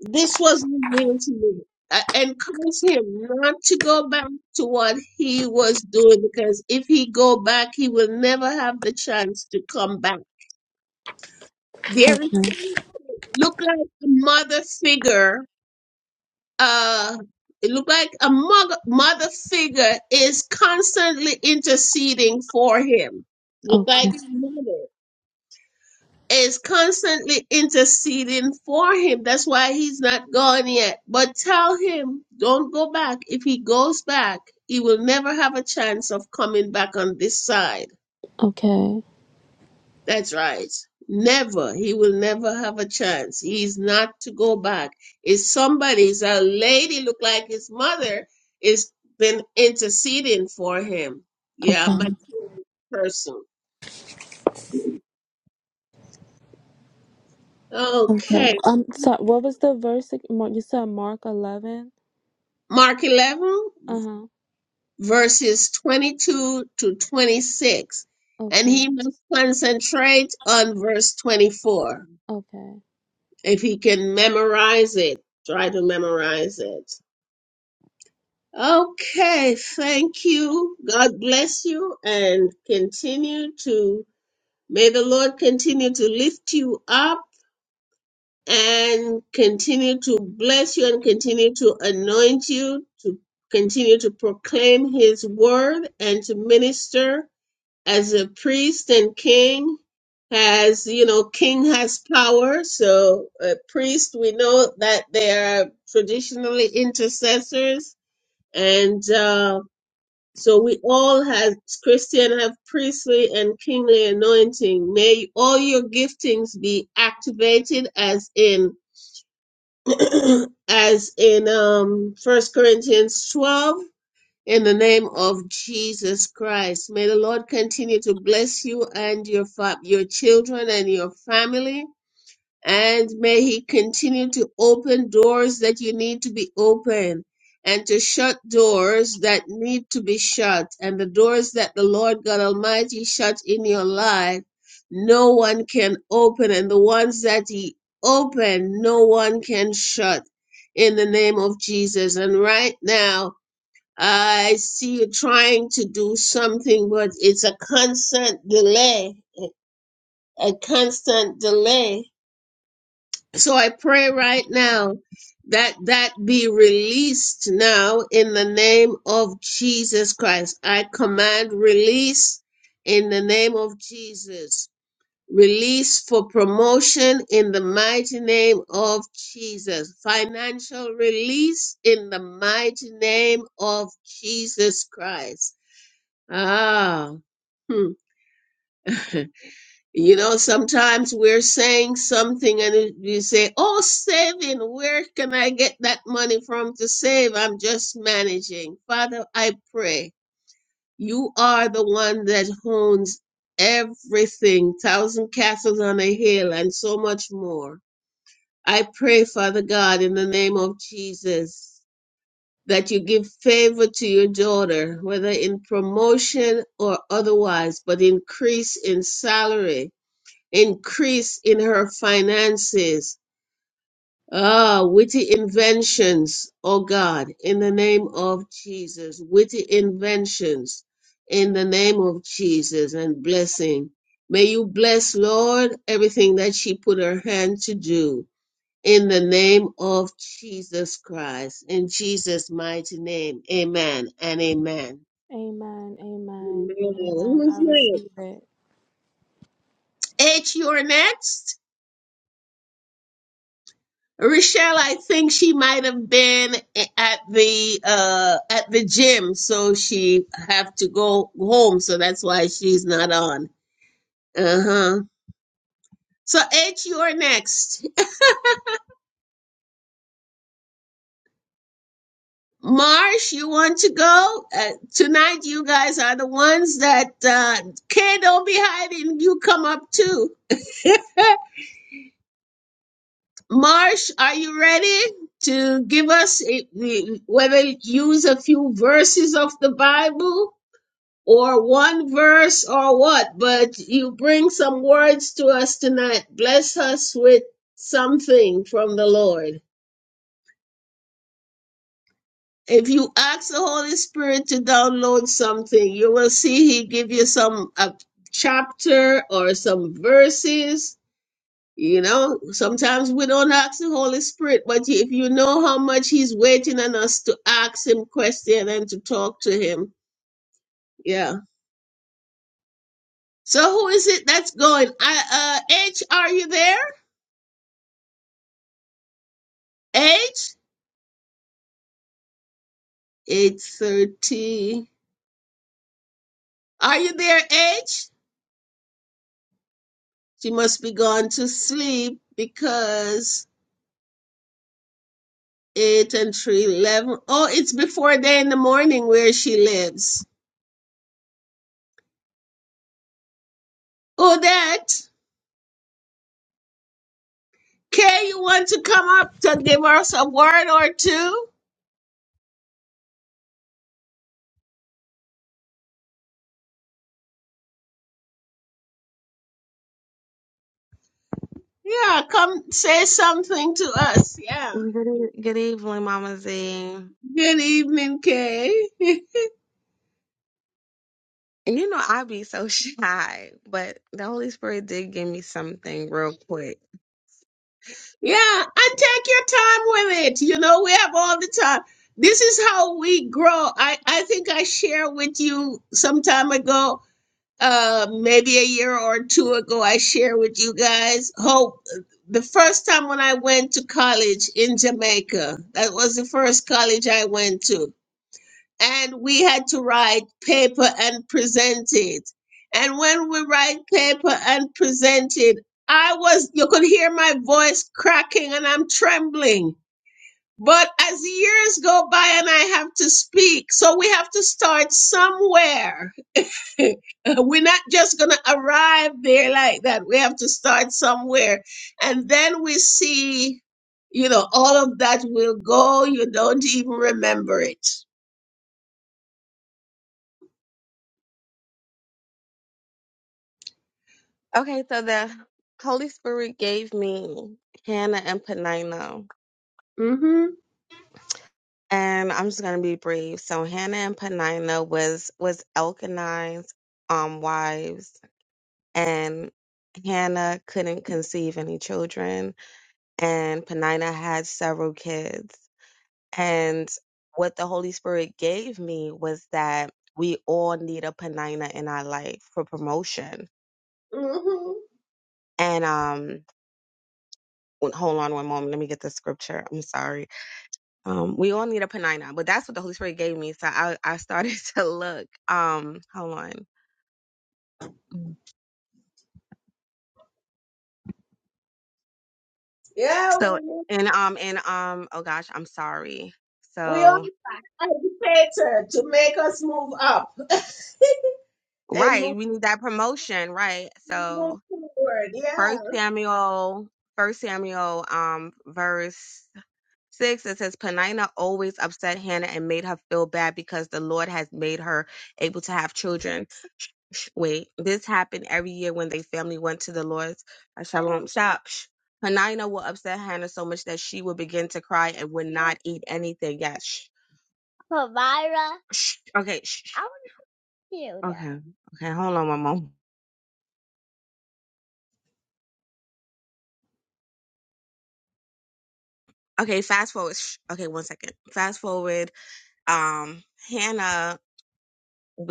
A: this was revealed to me. I encourage him not to go back to what he was doing because if he go back, he will never have the chance to come back. There, is
C: okay,
A: look like a mother figure. Uh, it look like a mother mother figure is constantly interceding for him. Look like
C: okay,
A: his mother. is constantly interceding for him. That's why he's not gone yet. But tell him, don't go back. If he goes back, he will never have a chance of coming back on this side.
C: okay, okay,
A: That's right. Never. He will never have a chance. He's not to go back. It's somebody, it's a lady, look like his mother, is been interceding for him. Yeah,
C: okay.
A: material person.
C: Um.
A: Okay.
C: am sorry, what was the verse? ag- Mar- You said Mark 11?
A: Mark 11.
C: Uh huh.
A: verses 22 to 26. And
C: Okay,
A: he must concentrate on verse 24.
C: okay.
A: If he can memorize it, try to memorize it. Okay, thank you. God bless you and continue to, may the Lord continue to lift you up and continue to bless you and continue to anoint you to continue to proclaim his word and to minister as a priest and king has you know king has power so a priest we know that they are traditionally intercessors and uh, so we all as christian have priestly and kingly anointing may all your giftings be activated as in as in um first corinthians 12 in the name of Jesus Christ, may the Lord continue to bless you and your fa- your children and your family, and may He continue to open doors that you need to be open, and to shut doors that need to be shut, and the doors that the Lord God Almighty shut in your life, no one can open, and the ones that He opened, no one can shut. In the name of Jesus, and right now. I see you trying to do something, but it's a constant delay, a constant delay. So I pray right now that that be released now in the name of Jesus Christ. I command release in the name of Jesus. Release for promotion in the mighty name of Jesus. Financial release in the mighty name of Jesus Christ Ah. Hmm. You know, sometimes we're saying something and it- you say, Oh, saving, where can I get that money from to save? I'm just managing. Father, I pray you are the one that owns everything, thousand castles on a hill, and so much more. I pray, Father God, in the name of Jesus. that you give favor to your daughter, whether in promotion or otherwise, but increase in salary, increase in her finances. Ah, witty inventions, oh God, in the name of Jesus, witty inventions, in the name of Jesus, and blessing. May you bless, Lord, everything that she put her hand to do in the name of Jesus Christ, in Jesus' mighty name. Amen and amen.
C: Amen, amen,
A: Amen.
C: amen.
A: Who's
C: I
A: next?
C: receive it.
A: H, you're next. Rochelle, I think she might have been a- at the uh at the gym, so she have to go home, so that's why she's not on. Uh-huh. So H, you're next. Marsh, you want to go? Uh, tonight, you guys are the ones that, uh, Kay, don't be hiding. You come up too. Marsh, are you ready to give us a, we- whether you use a few verses of the Bible or one verse or what? But you bring some words to us tonight. Bless us with something from the Lord. If you ask the Holy Spirit to download something, you will see He give you some a chapter or some verses. You know, sometimes we don't ask the Holy Spirit, but if you know how much He's waiting on us to ask Him question and to talk to Him, yeah. So who is it that's going? I, uh, H, are you there? H, eight thirty. Are you there, H? She must be gone to sleep because eight and three, eleven. Oh, it's before day in the morning where she lives. Odette, Kay, you want to come up to give us a word or two? Yeah, come say something to us. Yeah.
D: Good, e-, good evening, Mama Z.
A: Good evening, Kay. yeah,
D: You know, I be so shy, but the Holy Spirit did give me something real quick.
A: and take your time with it. You know, we have all the time. This is how we grow. I, I think I shared with you some time ago uh maybe a year or two ago i shared with you guys hope the first time when i went to college in jamaica that was the first college i went to and we had to write paper and present it and when we write paper and present it i was you could hear my voice cracking and i'm trembling but as years go by and i have to speak so we have to start somewhere We're not just going to arrive there like that. We have to start somewhere. And then we see, you know, all of that will go. You don't even remember it.
D: Okay, so the Holy Spirit gave me Hannah and Penina,
A: Mm-hmm.
D: and I'm just gonna be brief. So Hannah and Penina was was Elkanah's um wives, and Hannah couldn't conceive any children, and Penina had several kids. And what the Holy Spirit gave me was that we all need a panina in our life for promotion.
A: hmm
D: And um wait, hold on one moment, let me get the scripture. I'm sorry. Um we all need a panina, but that's what the Holy Spirit gave me. So I I started to look. Um hold on. Mm.
A: Yeah,
D: So
A: we,
D: and um and um oh gosh, I'm sorry.
A: we all
D: So
A: need an educator to make us move up and
D: right,
A: move,
D: we need that promotion, right?
A: move
D: So
A: forward. Yeah.
D: first Samuel, first Samuel um verse Six, it says Penina always upset Hannah and made her feel bad because the Lord has made her able to have children. Sh- sh- Wait, this happened every year when they family went to the Lord's uh, Shalom shop. Sh- Penina will upset Hannah so much that she would begin to cry and would not eat anything. Yes. sh- Pavira. Sh- Okay. sh- sh- I want to hear. that. Okay. Okay. Hold on, Mama. Okay. Fast forward. sh- Okay. One second. Fast forward. Um, Hannah.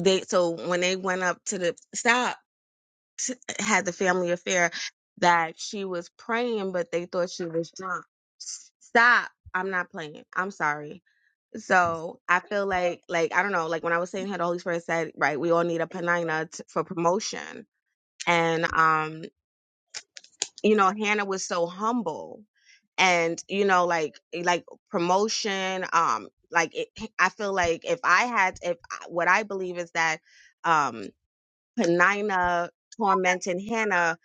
D: They so when they went up to the stop t- had the family affair that she was praying, but they thought she was drunk. Stop. I'm not playing. I'm sorry. So I feel like, like I don't know, like when I was saying how the Holy Spirit said, right, we all need a panina t- for promotion, and um, you know, Hannah was so humble, and you know, like eh, like promotion, um, like it, I feel like if I had, if I- what I believe is that, um. Penina tormenting Hannah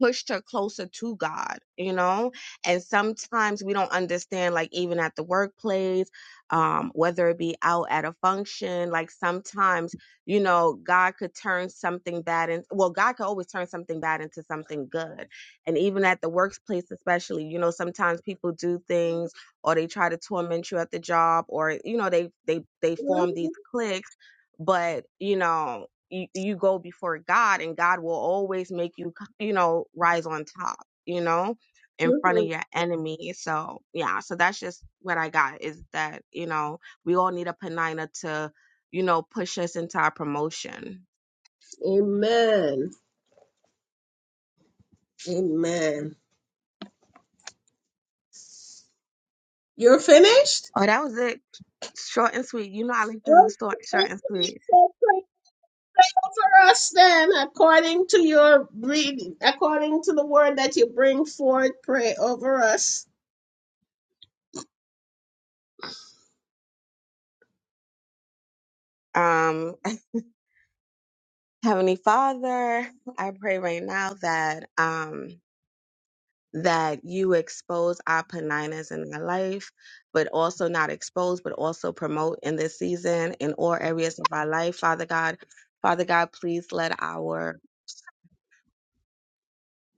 D: pushed her closer to God, you know? And sometimes we don't understand, like, even at the workplace, um, whether it be out at a function, like, sometimes, you know, God could turn something bad in, well, God could always turn something bad into something good. And even at the workplace, especially, you know, sometimes people do things or they try to torment you at the job or, you know, they, they, they form
A: Mhm.
D: these cliques, but, you know, you, you go before God and God will always make you, you know, rise on top, you know, in front of
A: Mhm.
D: your enemy. So, yeah, so that's just what I got is that, you know, we all need a Penina to, you know, push us into our promotion.
A: Amen. Amen. You're finished?
D: Oh, that was it. Short and sweet. You know, I like to
A: Okay,
D: do short, short and sweet.
A: so pray over us then, according to your reading, according to the word that you bring forth, pray over us.
D: Um, Heavenly Father, I pray right now that, um, that you expose our paninas in our life, but also not expose, but also promote in this season in all areas of our life, Father God. Father God, please let our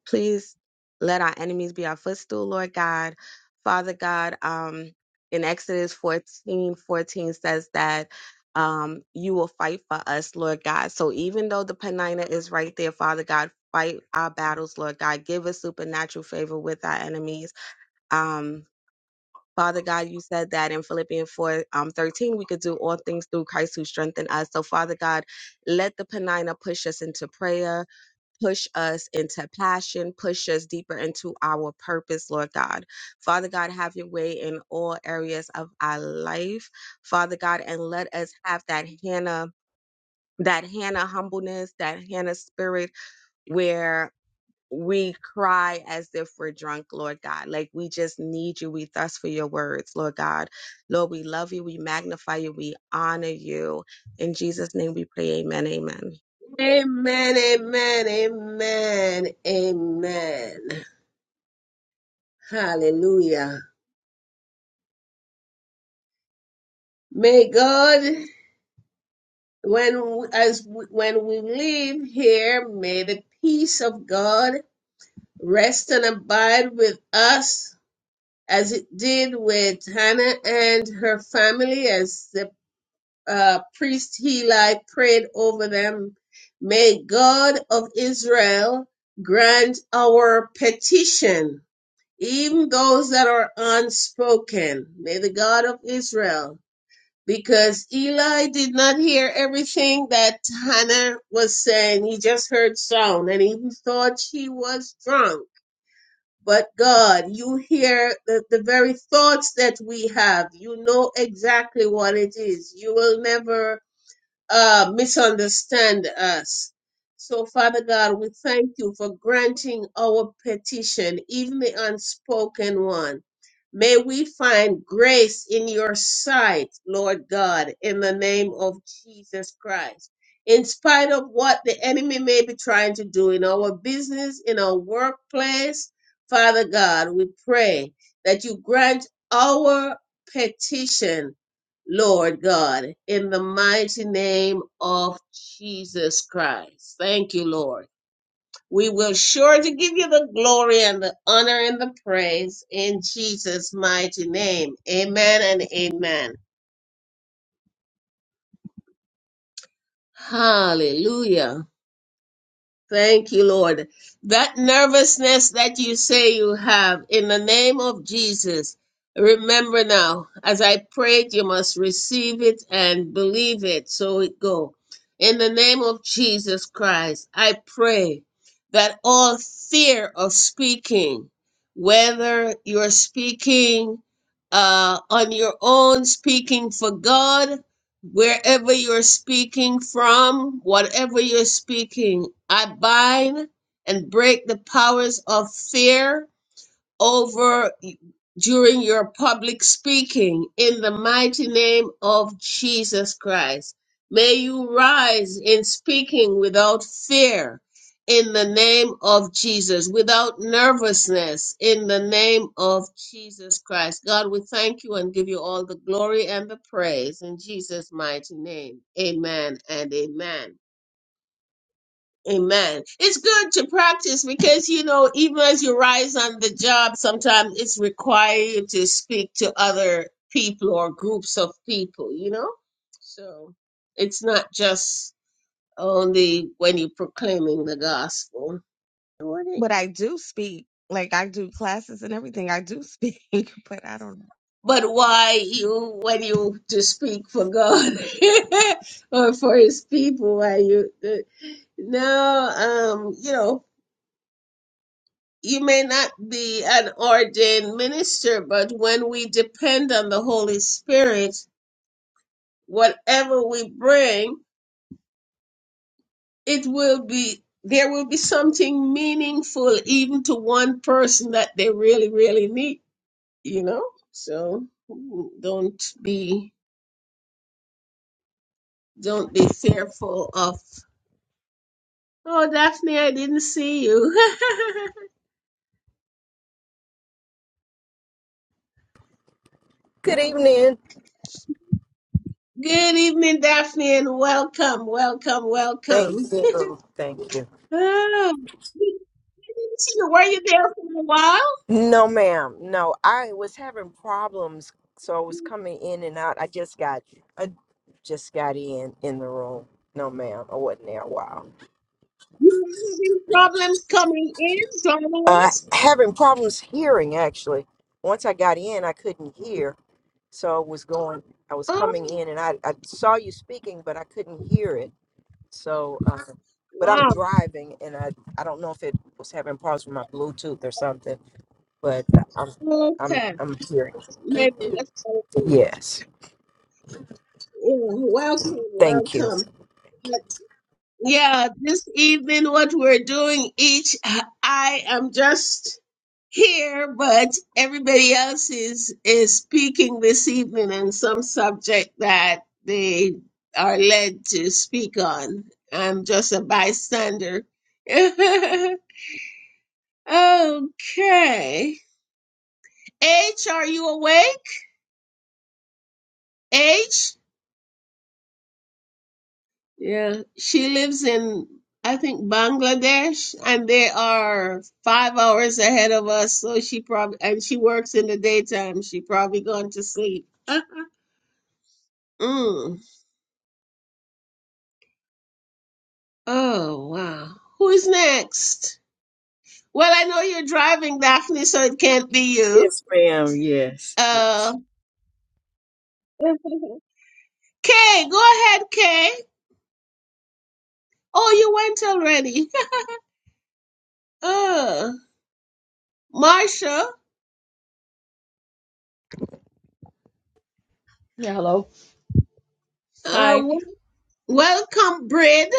D: please let our enemies be our footstool, Lord God. Father God, um, in Exodus 14 14 says that um, you will fight for us, Lord God. So even though the Penina is right there, Father God, fight our battles, Lord God. Give us supernatural favor with our enemies. Um, Father God, you said that in Philippians 4 um, 13, we could do all things through Christ who strengthened us. So, Father God, let the Penina push us into prayer, push us into passion, push us deeper into our purpose, Lord God. Father God, have your way in all areas of our life, Father God, and let us have that Hannah. That Hannah humbleness, that Hannah spirit, where we cry as if we're drunk, Lord God. Like we just need you. We thirst for your words, Lord God. Lord, we love you. We magnify you. We honor you. In Jesus' name we pray. Amen. Amen.
A: Amen, amen, amen, amen. Hallelujah. May God, when as when we leave here, may the peace of God rest and abide with us as it did with Hannah and her family, as the uh, priest Heli prayed over them. May God of Israel grant our petition, even those that are unspoken. May the God of Israel, because Eli did not hear everything that Hannah was saying. He just heard sound and he thought she was drunk. But God, you hear the, the very thoughts that we have. You know exactly what it is. You will never uh, misunderstand us. So, Father God, we thank you for granting our petition, even the unspoken one. May we find grace in your sight, Lord God, in the name of Jesus Christ. In spite of what the enemy may be trying to do in our business, in our workplace, Father God, we pray that you grant our petition Lord God, in the mighty name of Jesus Christ. Thank you, Lord. We will sure to give you the glory and the honor and the praise in Jesus' mighty name. Amen and amen. Hallelujah. Thank you, Lord. That nervousness that you say you have, in the name of Jesus, remember now, as I prayed, you must receive it and believe it, so it go. In the name of Jesus Christ, I pray that all fear of speaking, whether you're speaking uh, on your own, speaking for God, Wherever you're speaking from, whatever you're speaking, I bind and break the powers of fear over during your public speaking in the mighty name of Jesus Christ. May you rise in speaking without fear in the name of Jesus, without nervousness in the name of Jesus Christ. God, we thank you and give you all the glory and the praise in Jesus' mighty name. Amen and amen. Amen. It's good to practice because, you know, even as you rise on the job, sometimes it's required to speak to other people or groups of people, you know? So it's not just only when you're proclaiming the gospel,
D: What it- But I do speak. Like I do classes and everything. I do speak, but I don't know.
A: but why you, when you to speak for God or for his people, why you, no, um, you know, you may not be an ordained minister, but when we depend on the Holy Spirit, whatever we bring, it will be there will be something meaningful even to one person that they really really need, you know? So don't be don't be fearful of Oh, Daphne, I didn't see you.
E: Good evening.
A: Good evening, Daphne, and welcome, welcome,
E: Thank
A: welcome.
E: you. Thank you.
A: Oh. So were you there for a while?
E: No, ma'am. No, I was having problems, so I was coming in and out. I just got, I just got in in the room. No, ma'am. I wasn't there a while.
A: You were having problems coming in,
E: Uh,
A: downloads?
E: having problems hearing actually. Once I got in, I couldn't hear, so I was going. I was
A: Oh,
E: coming in, and I, I saw you speaking, but I couldn't hear it. So, uh, but I'm
A: wow.
E: driving, and I I don't know if it was having problems with my Bluetooth or something. but I'm I'm
A: Okay.
E: I'm hearing.
A: Maybe that's what it is.
E: Yes.
A: Yeah, welcome,
E: Thank you.
A: welcome. Yeah, this evening, what we're doing each, I am just here, but everybody else is is speaking this evening on some subject that they are led to speak on. I'm just a bystander. okay. H, are you awake? H? Yeah, she lives in, I think, Bangladesh, and they are five hours ahead of us. So she probably, and she works in the daytime. She probably gone to sleep. Uh, Mm. Oh, wow. Who's next? Well, I know you're driving, Daphne, so it can't be you.
E: Yes, ma'am. Yes,
A: Uh,
E: yes.
A: Kay, go ahead, Kay. Oh, you went already. Uh, Marsha.
F: Yeah, hello. Hi.
A: Uh, Welcome, Brid,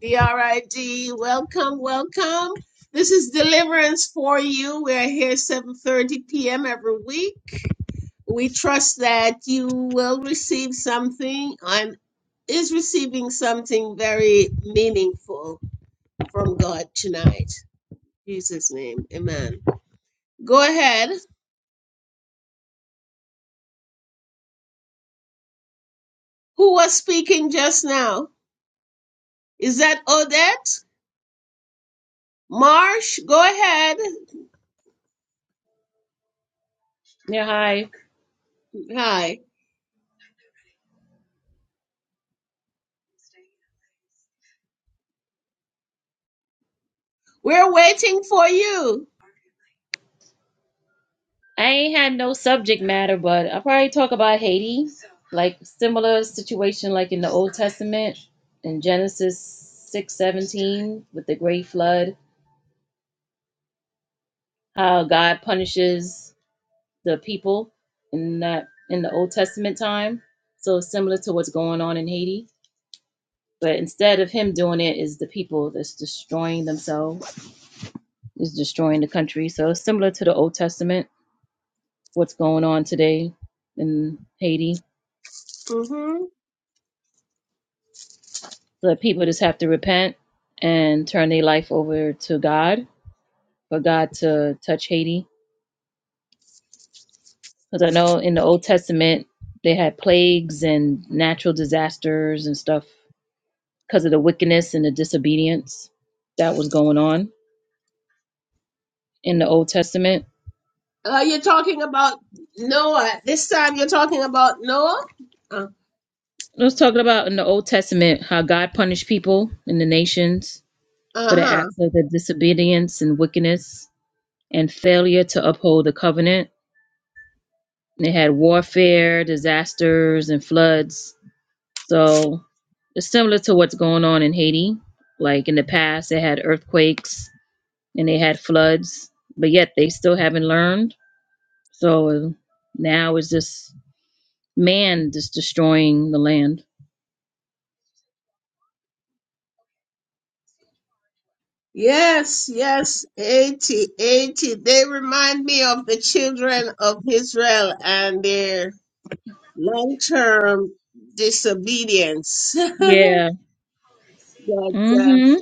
A: B R I D. Welcome, welcome. This is Deliverance for you. We're here 7:30 p.m. every week. We trust that you will receive something and is receiving something very meaningful from God tonight. In Jesus' name, Amen. Go ahead. Who was speaking just now? Is that Odette? Marsh, go ahead.
F: Yeah, hi.
A: Hi. We're waiting for you.
F: I ain't had no subject matter, but I'll probably talk about Haiti, like similar situation like in the Old Testament in Genesis six seventeen with the great flood, how God punishes the people in that in the Old Testament time. So similar to what's going on in Haiti. But instead of him doing it is the people that's destroying themselves, is destroying the country. So it's similar to the Old Testament. what's going on today in Haiti.
A: hmm
F: The people just have to repent and turn their life over to God for God to touch Haiti. Because I know in the Old Testament, they had plagues and natural disasters and stuff because of the wickedness and the disobedience that was going on in the Old Testament.
A: Uh, you're talking about Noah. This time you're talking about Noah? Uh
F: I was talking about in the Old Testament how God punished people in the nations for the
A: huh.
F: acts of their disobedience and wickedness and failure to uphold the covenant They had warfare, disasters, and floods. So it's similar to what's going on in Haiti. Like in the past, they had earthquakes and they had floods, but yet they still haven't learned. So now it's just man just destroying the land.
A: Yes, yes. 80, 80. They remind me of the children of Israel and their long term disobedience.
F: Yeah.
A: but, uh,
F: Mm-hmm.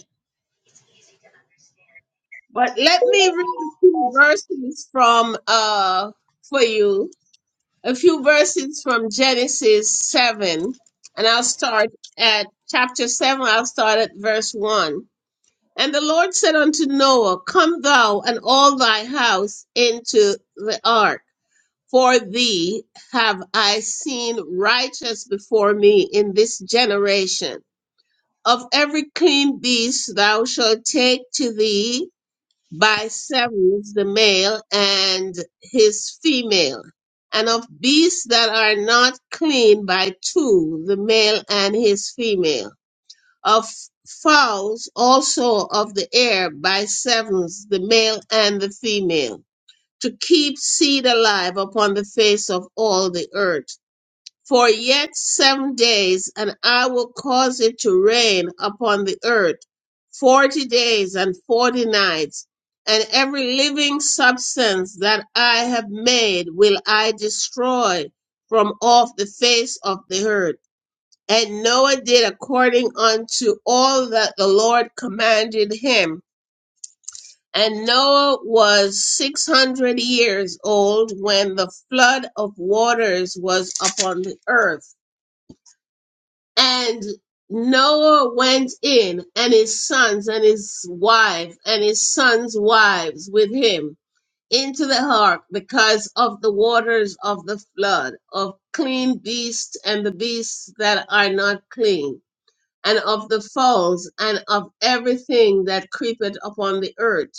A: but let me read a few verses from uh, for you a few verses from Genesis 7, and I'll start at chapter 7, I'll start at verse 1. And the Lord said unto Noah, Come thou and all thy house into the ark, for thee have I seen righteous before me in this generation. Of every clean beast thou shalt take to thee by sevens, the male and his female, and of beasts that are not clean by two, the male and his female, of fowls also of the air by sevens, the male and the female, to keep seed alive upon the face of all the earth. For yet seven days, and I will cause it to rain upon the earth forty days and forty nights, and every living substance that I have made will I destroy from off the face of the earth. And Noah did according unto all that the Lord commanded him. And Noah was six hundred years old when the flood of waters was upon the earth. And Noah went in, and his sons, and his wife, and his sons' wives with him into the ark because of the waters of the flood, of clean beasts and the beasts that are not clean, and of the fowls, and of everything that creepeth upon the earth.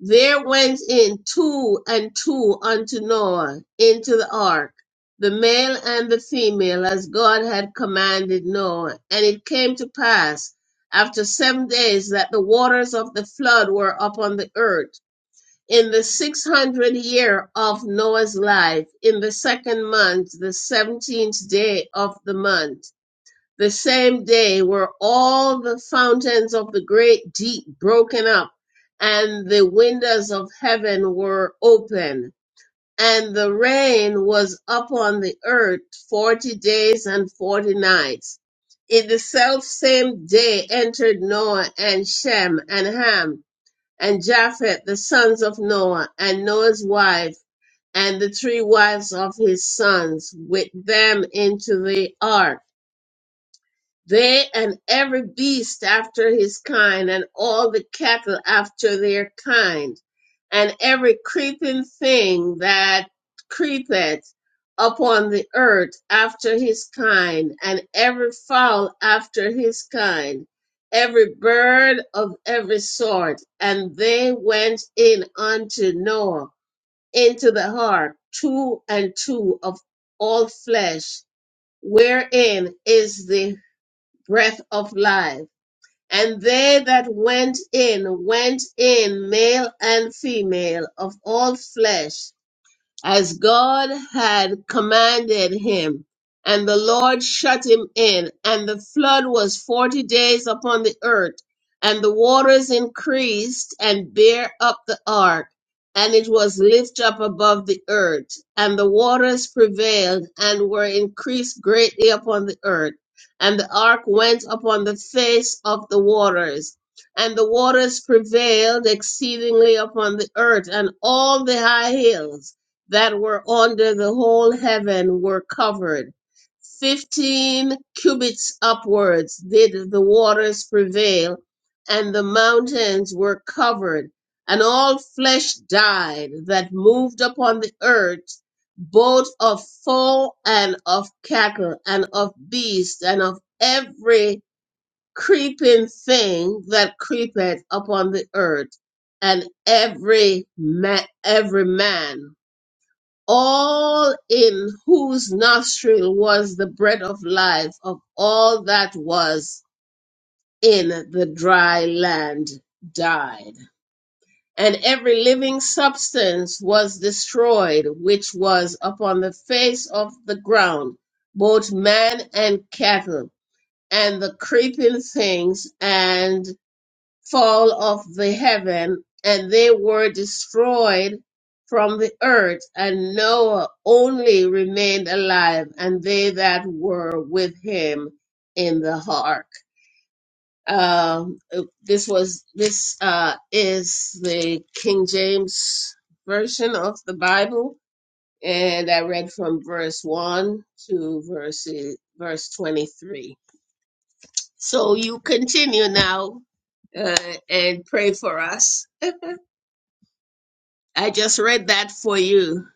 A: There went in two and two unto Noah into the ark, the male and the female, as God had commanded Noah. And it came to pass after seven days that the waters of the flood were upon the earth. In the six hundred year of Noah's life, in the second month, the seventeenth day of the month the same day were all the fountains of the great deep broken up, and the windows of heaven were open. And the rain was upon the earth forty days and forty nights. In the self same day entered Noah and Shem and Ham and Japheth, the sons of Noah, and Noah's wife, and the three wives of his sons, with them into the ark they and every beast after his kind, and all the cattle after their kind, and every creeping thing that creepeth upon the earth after his kind, and every fowl after his kind, every bird of every sort. And they went in unto Noah into the ark, two and two of all flesh, wherein is the breath of life. And they that went in, went in, male and female, of all flesh, as God had commanded him. And the Lord shut him in, and the flood was forty days upon the earth, and the waters increased and bare up the ark, and it was lift up above the earth, and the waters prevailed and were increased greatly upon the earth, and the ark went upon the face of the waters and the waters prevailed exceedingly upon the earth, and all the high hills that were under the whole heaven were covered. Fifteen cubits upwards did the waters prevail, and the mountains were covered, and all flesh died that moved upon the earth, both of fowl and of cattle, and of beast, and of every creeping thing that creepeth upon the earth, and every ma- every man all in whose nostril was the breath of life of all that was in the dry land died. And every living substance was destroyed which was upon the face of the ground, both man and cattle, and the creeping things fall of the heaven, and they were destroyed from the earth, and Noah only remained alive, and they that were with him in the ark. Um, this was this uh, is the King James version of the Bible, and I read from verse one to verse verse twenty three. So you continue now uh, and pray for us I just read that for you,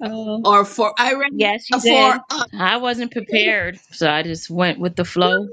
F: Oh,
A: or for I read
F: yes,
A: it
F: you
A: for
F: did.
A: us.
F: I wasn't prepared, so I just went with the flow.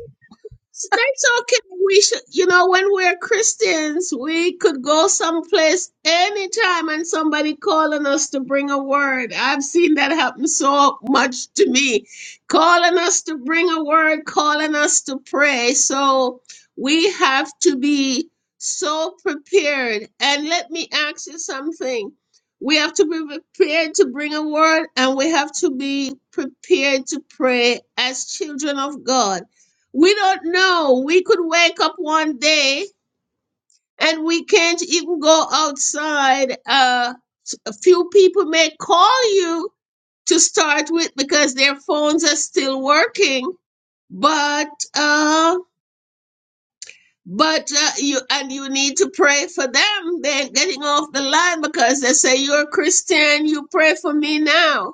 A: So That's okay. We should, you know, when we're Christians, we could go someplace anytime and somebody calling us to bring a word. I've seen that happen so much to me. Calling us to bring a word, calling us to pray. So we have to be so prepared. And let me ask you something. We have to be prepared to bring a word and we have to be prepared to pray as children of God we don't know. We could wake up one day and we can't even go outside. Uh, a few people may call you to start with because their phones are still working, but uh, but uh, you and you need to pray for them. They're getting off the line because they say you're a Christian. You pray for me now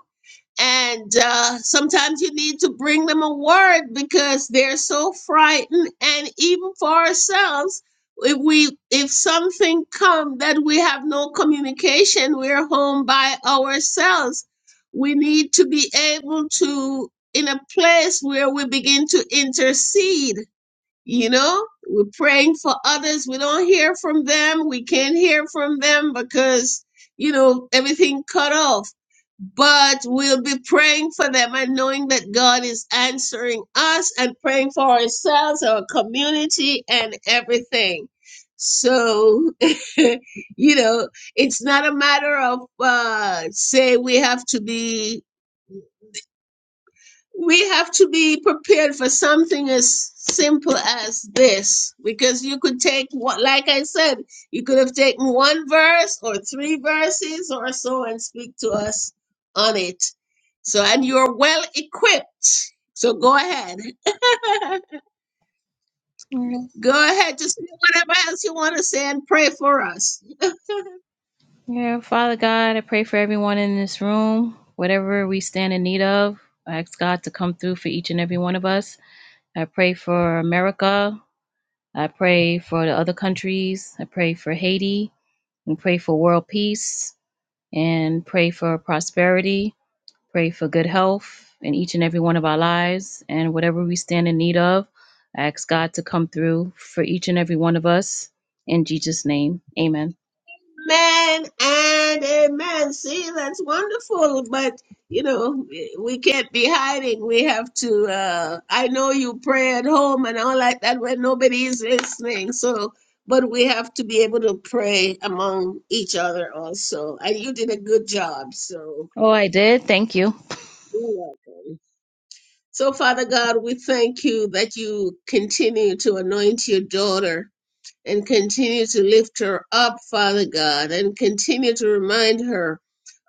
A: And uh, sometimes you need to bring them a word because they're so frightened. And even for ourselves, if we if something come that we have no communication, we're home by ourselves. We need to be able to in a place where we begin to intercede you know, we're praying for others. We don't hear from them. We can't hear from them because, you know, everything cut off. But we'll be praying for them and knowing that God is answering us and praying for ourselves, our community, and everything. So, you know, it's not a matter of, uh, say, we have to be we have to be prepared for something as simple as this because you could take what like i said you could have taken one verse or three verses or so and speak to us on it so and you're well equipped so go ahead go ahead to say whatever else you want to say and pray for us
F: Yeah, Father God, I pray for everyone in this room, whatever we stand in need of. I ask God to come through for each and every one of us. I pray for America. I pray for the other countries. I pray for Haiti. And pray for world peace and pray for prosperity. Pray for good health in each and every one of our lives. And whatever we stand in need of, I ask God to come through for each and every one of us. In Jesus' name, amen.
A: Amen and amen. See, that's wonderful, but you know, we can't be hiding. We have to. Uh, I know you pray at home and all like that when nobody is listening. So, but we have to be able to pray among each other also. And you did a good job. So,
F: Oh, I did. Thank you.
A: you're welcome. So, Father God, we thank you that you continue to anoint your daughter and continue to lift her up, Father God, and continue to remind her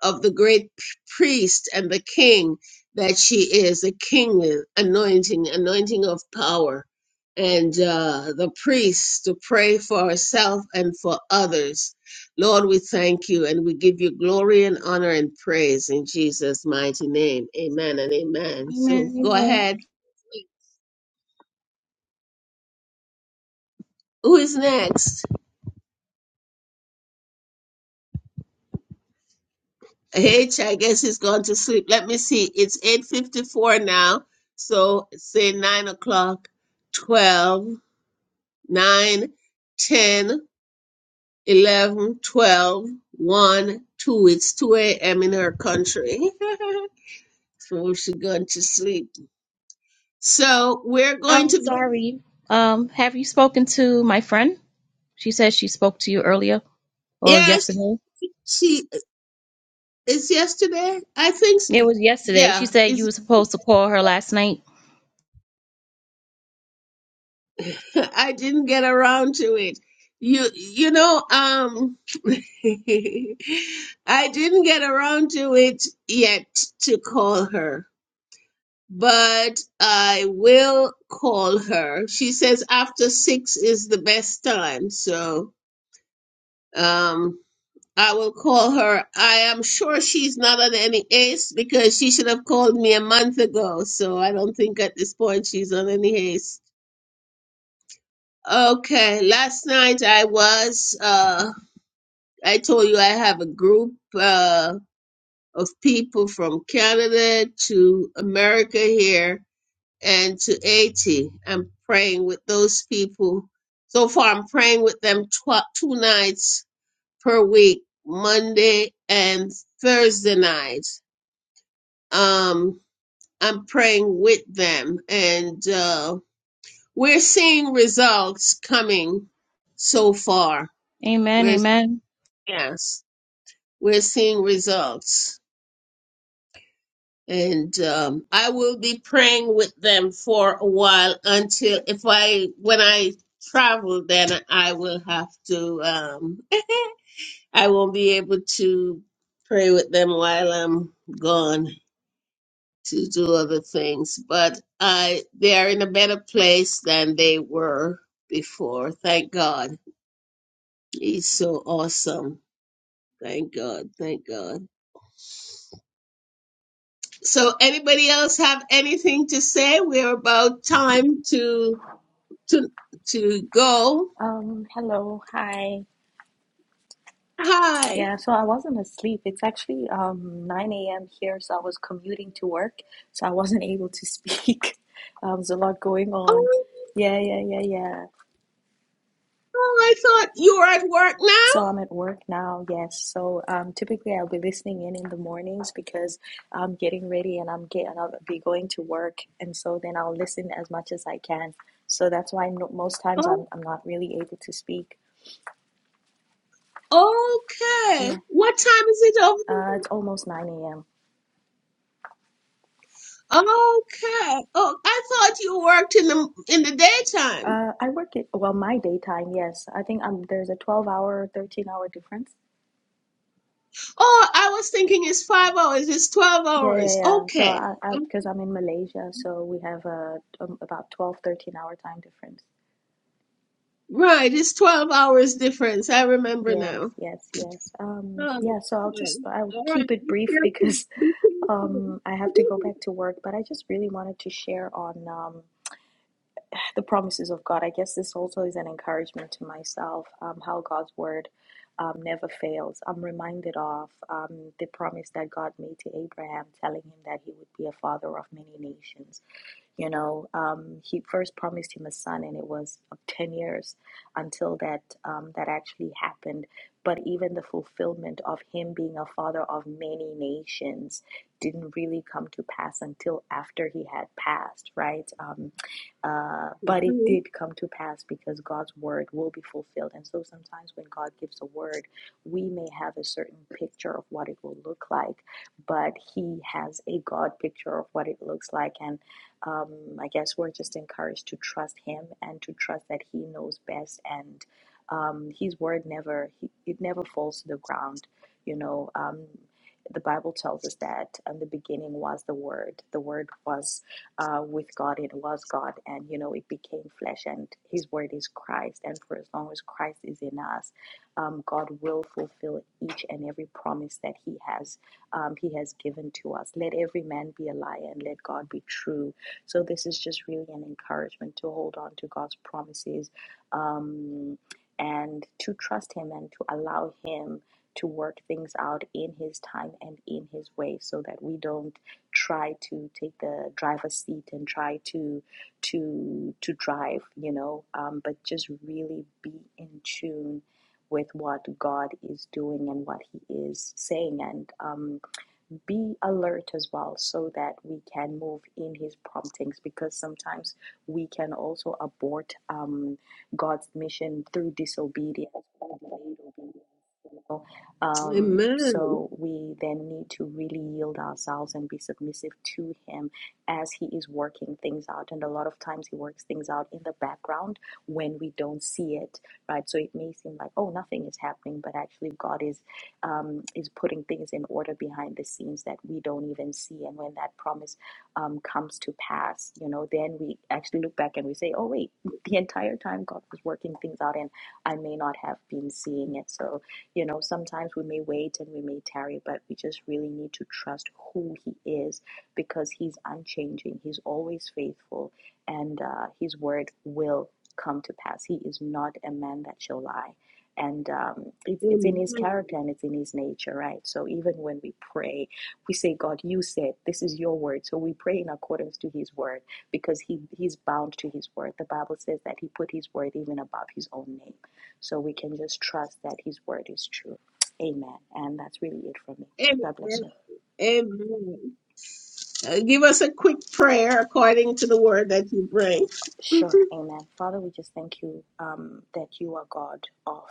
A: of the great p- priest and the king that she is, the kingly anointing, anointing of power, and uh, the priest to pray for herself and for others. Lord, we thank you and we give you glory and honor and praise in Jesus' mighty name. Amen and amen. So
F: Amen.
A: go
F: Amen.
A: ahead. Who is next? H, I guess he's gone to sleep. Let me see. It's 8.54 now. So say 9 o'clock, Twelve, nine, ten, eleven, twelve, one, 2. It's 2 a.m. in her country. so she's gone to sleep. So we're going
F: Oh,
A: to,
F: sorry. Um, have you spoken to my friend? She said she spoke to you earlier or
A: yes,
F: yesterday.
A: she, it's yesterday. I think, s-
F: It was yesterday. She
A: yeah,
F: said you were supposed to call her last night.
A: I didn't get around to it. You you know, um I didn't get around to it yet to call her, but I will call her. She says after 6 is the best time, so um I will call her. I am sure she's not on any haste because she should have called me a month ago. So I don't think at this point she's on any haste. Okay, last night I was, uh, I told you I have a group uh, of people from Canada to America here and to Haiti. I'm praying with those people. So far, I'm praying with them tw- two nights per week, Monday and Thursday night. Um, I'm praying with them, and uh, we're seeing results coming so far.
F: Amen, amen.
A: Yes, we're seeing results. And um, I will be praying with them for a while until if I, when I travel, then I will have to, um, I won't be able to pray with them while I'm gone to do other things. But I, they are in a better place than they were before. Thank God. He's so awesome. Thank God. Thank God. So anybody else have anything to say? We're about time to to to go.
G: Um, hello, hi.
A: Hi.
G: Yeah, so I wasn't asleep. It's actually um 9 a.m. here, so I was commuting to work, so I wasn't able to speak. Um, there's a lot going on.
A: Oh,
G: Yeah, yeah, yeah, yeah.
A: oh I thought you were at work
G: So
A: now.
G: I'm at work now, yes. So um typically I'll be listening in in the mornings because I'm getting ready and I'm getting I'll be going to work, and so then I'll listen as much as I can. So that's why no, most times I'm I'm not really able to speak.
A: Oh, okay.
G: Yeah.
A: What time is it over
G: Uh,
A: here?
G: it's almost 9 a.m.
A: Okay. Oh, I thought you worked in the in the daytime.
G: Uh, I work it well, my daytime, yes. I think um there's a 12 hour, 13 hour difference.
A: Oh, I was thinking it's five hours. It's twelve
G: Yeah, yeah,
A: hours.
G: yeah. So
A: Okay.
G: I, I
A: Oh,
G: because I'm in Malaysia, so we have a um, about twelve, thirteen hour time difference.
A: Right, it's twelve hours difference. I remember
G: Yes,
A: now.
G: yes, yes. Um,
A: Oh,
G: yeah, so I'll
A: yeah.
G: just I'll
A: All
G: keep
A: right.
G: it
A: Be
G: brief
A: careful.
G: because
A: Be careful.
G: um I have to go back to work, but I just really wanted to share on um the promises of God. I guess this also is an encouragement to myself um, how God's word um, never fails. I'm reminded of um, the promise that God made to Abraham, telling him that he would be a father of many nations. You know, um, he first promised him a son, and it was of ten years until that um, that actually happened. But even the fulfillment of him being a father of many nations didn't really come to pass until after he had passed, right? Um, uh, but it
A: Mhm.
G: did come to pass because God's word will be fulfilled. And so sometimes when God gives a word, we may have a certain picture of what it will look like, but He has a God picture of what it looks like. And um, I guess we're just encouraged to trust Him and to trust that He knows best, and um, His word never he, it never falls to the ground. You know, um, the Bible tells us that in the beginning was the Word. The Word was uh, with God. It was God, and you know, it became flesh. And His word is Christ. And for as long as Christ is in us, um, God will fulfill each and every promise that He has um, He has given to us. Let every man be a liar, and let God be true so this is just really an encouragement to hold on to God's promises um, and to trust Him and to allow Him to work things out in His time and in His way, so that we don't try to take the driver's seat and try to to to drive, you know, um, but just really be in tune with what God is doing and what He is saying and. Um, be alert as well so that we can move in his promptings because sometimes we can also abort um, God's mission through disobedience or delayed obedience. you know. Um,
A: Amen.
G: so we then need to really yield ourselves and be submissive to Him as He is working things out. And a lot of times He works things out in the background when we don't see it, right? So it may seem like, oh, nothing is happening, but actually God is um, is putting things in order behind the scenes that we don't even see. And when that promise um, comes to pass, you know, then we actually look back and we say, oh, wait, the entire time God was working things out and I may not have been seeing it. So, you know, sometimes we may wait and we may tarry, but we just really need to trust who He is because He's unchanging, He's always faithful, and uh, His word will come to pass. He is not a man that shall lie and um, it's, it's in his character
A: Amen.
G: and it's in his nature right so even when we pray we say god you said this is your word so we pray in accordance to his word because he he's bound to his word the bible says that he put his word even above his own name so we can just trust that his word is true amen and that's really it for me god bless
A: Amen.
G: you
A: Amen. Uh, give us a quick prayer according to the word that you bring.
G: Sure, amen. Father, we just thank you um, that you are God of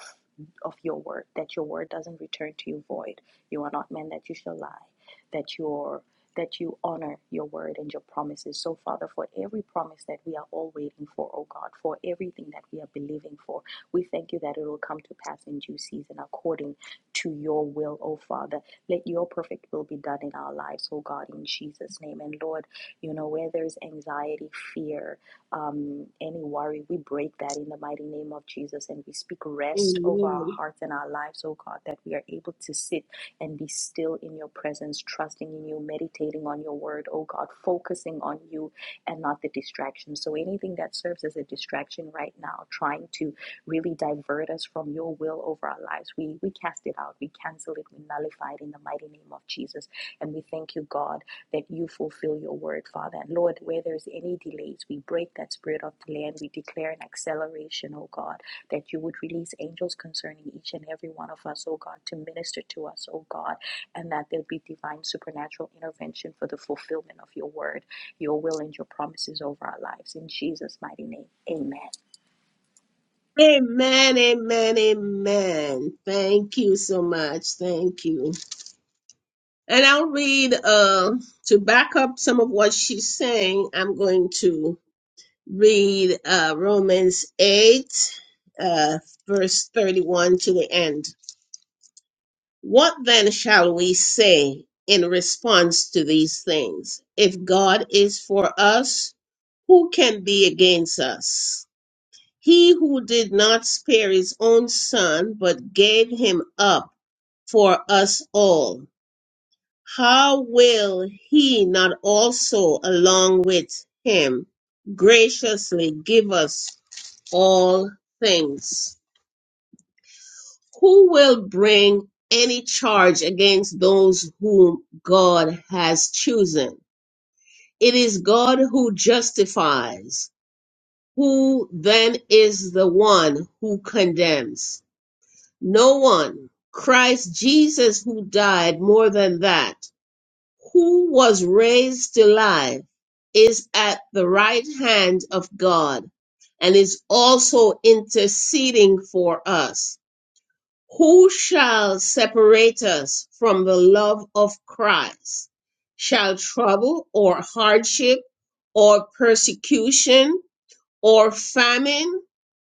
G: of your word, that your word doesn't return to you void. You are not man that you shall lie, that your that you honor your word and your promises. So, Father, for every promise that we are all waiting for, oh God, for everything that we are believing for, we thank you that it will come to pass in due season according to your will, oh Father. Let your perfect will be done in our lives, oh God, in Jesus' name. And Lord, you know, where there's anxiety, fear, um, any worry. We break that in the mighty name of Jesus and we speak rest over our
A: Mhm.
G: hearts and our lives, oh God, that we are able to sit and be still in your presence, trusting in you, meditating on your word, oh God, focusing on you and not the distractions. So anything that serves as a distraction right now, trying to really divert us from your will over our lives, we, we cast it out, we cancel it, we nullify it in the mighty name of Jesus. And we thank you, God that you fulfill your word, Father. And Lord, where there's any delays, we break that spirit of delay and we declare an acceleration, oh God, that you would release angels concerning each and every one of us, oh God, to minister to us, oh God, and that there'd be divine supernatural intervention for the fulfillment of your word, your will, and your promises over our lives. In Jesus' mighty name, amen.
A: Amen. Amen. Amen. Amen. Thank you so much. Thank you. And I'll read uh to back up some of what she's saying. I'm going to. read uh, Romans 8, uh, verse 31 to the end. What then shall we say in response to these things? If God is for us, who can be against us? He who did not spare his own son, but gave him up for us all, how will he not also, along with him, graciously give us all things. Who will bring any charge against those whom God has chosen? It is God who justifies. Who then is the one who condemns? No one. Christ Jesus, who died more than that, who was raised to life, is at the right hand of God and is also interceding for us Who shall separate us from the love of Christ? Shall trouble or hardship or persecution or famine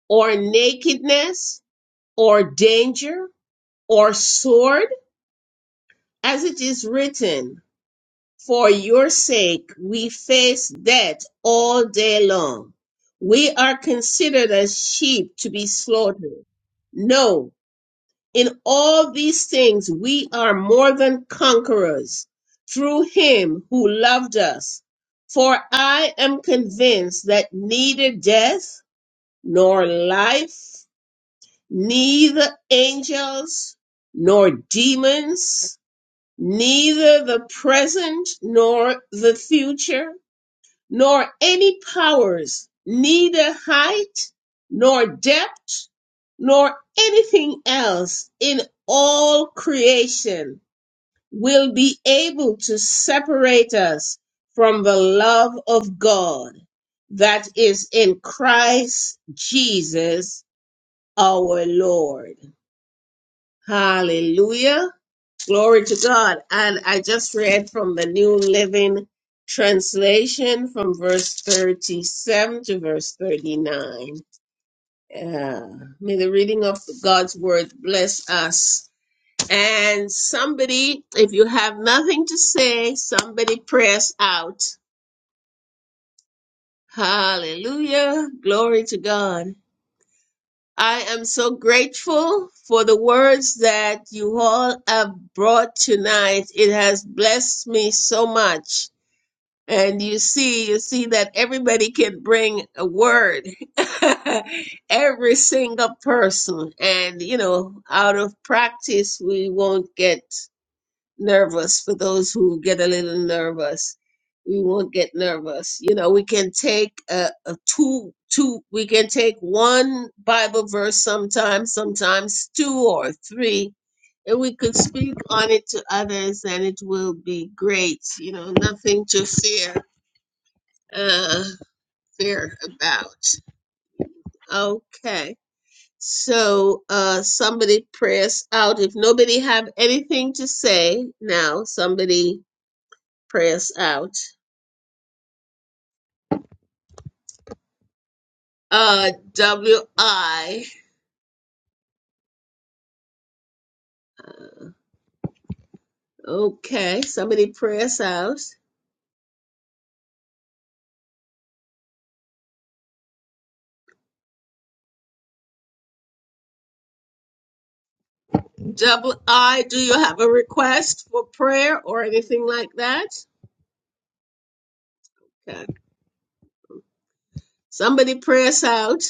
A: or nakedness or danger or sword? As it is written, for your sake we face death all day long. We are considered as sheep to be slaughtered. No, In all these things we are more than conquerors through him who loved us. For I am convinced that neither death nor life, neither angels nor demons, neither the present nor the future nor any powers, neither height, nor depth, nor anything else in all creation will be able to separate us from the love of God that is in Christ Jesus our Lord. Hallelujah. Glory to God. And I just read from the New Living Translation from verse 37 to verse 39. Uh, may the reading of God's word bless us. And somebody, if you have nothing to say, somebody press out. Hallelujah. Glory to God. I am so grateful for the words that you all have brought tonight. It has blessed me so much. and you see you see that everybody can bring a word every single person and you know out of practice we won't get nervous for those who get a little nervous we won't get nervous you know we can take a, a two two we can take one bible verse sometimes sometimes two or three and we could speak on it to others and it will be great you know nothing to fear uh fear about. Okay. So uh somebody pray us out. If nobody have anything to say now, somebody pray us out. Uh W I. Okay, somebody pray us out. Double I, do you have a request for prayer or anything like that? Okay. Somebody pray us out.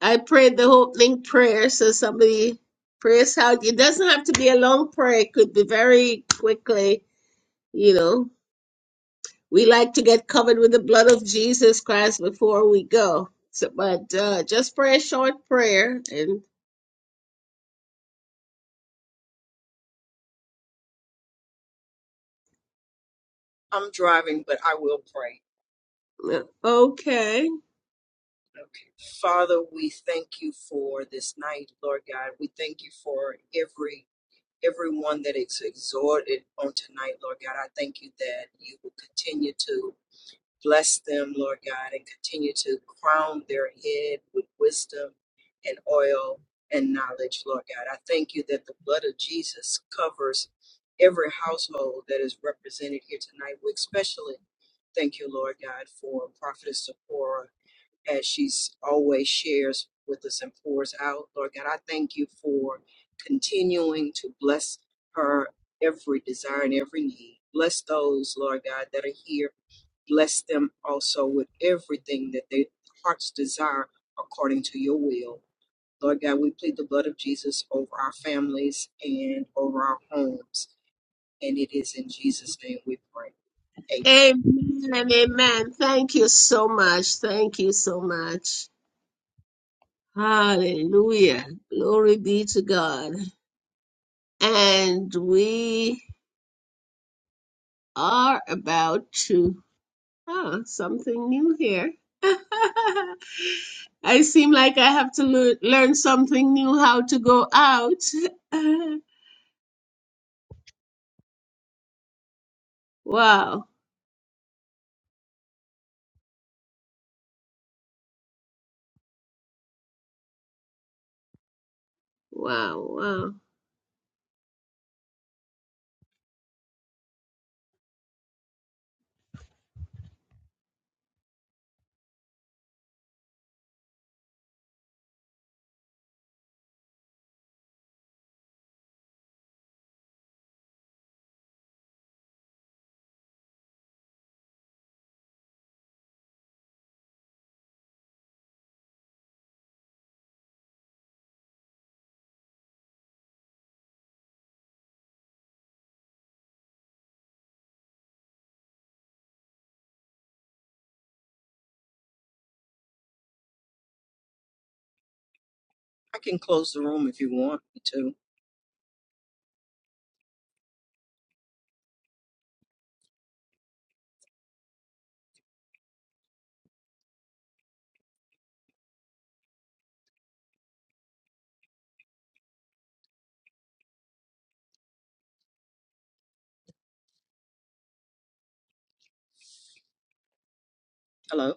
A: I prayed the opening prayer, so somebody prays out. It doesn't have to be a long prayer, it could be very quickly, you know. We like to get covered with the blood of Jesus Christ before we go. So, but uh, just pray a short prayer and
E: I'm driving, but I will pray.
A: uh, okay.
E: Okay. Father, we thank you for this night, Lord God. We thank you for every everyone that is exhorted on tonight, Lord God. I thank you that you will continue to Bless them, Lord God, and continue to crown their head with wisdom and oil and knowledge, Lord God. I thank you that the blood of Jesus covers every household that is represented here tonight. We especially thank you, Lord God, for Prophetess Sephora as she's always shares with us and pours out. Lord God, I thank you for continuing to bless her every desire and every need. Bless those, Lord God, that are here Bless them also with everything that their hearts desire according to your will. Lord God, we plead the blood of Jesus over our families and over our homes. And it is in Jesus' name we pray. Amen.
A: Amen and amen. Thank you so much. Thank you so much. Hallelujah. Glory be to God. And we are about to. Oh, something new here. I seem like I have to lear- learn something new how to go out. wow, wow, wow.
E: I can close the room if you want me to. Hello.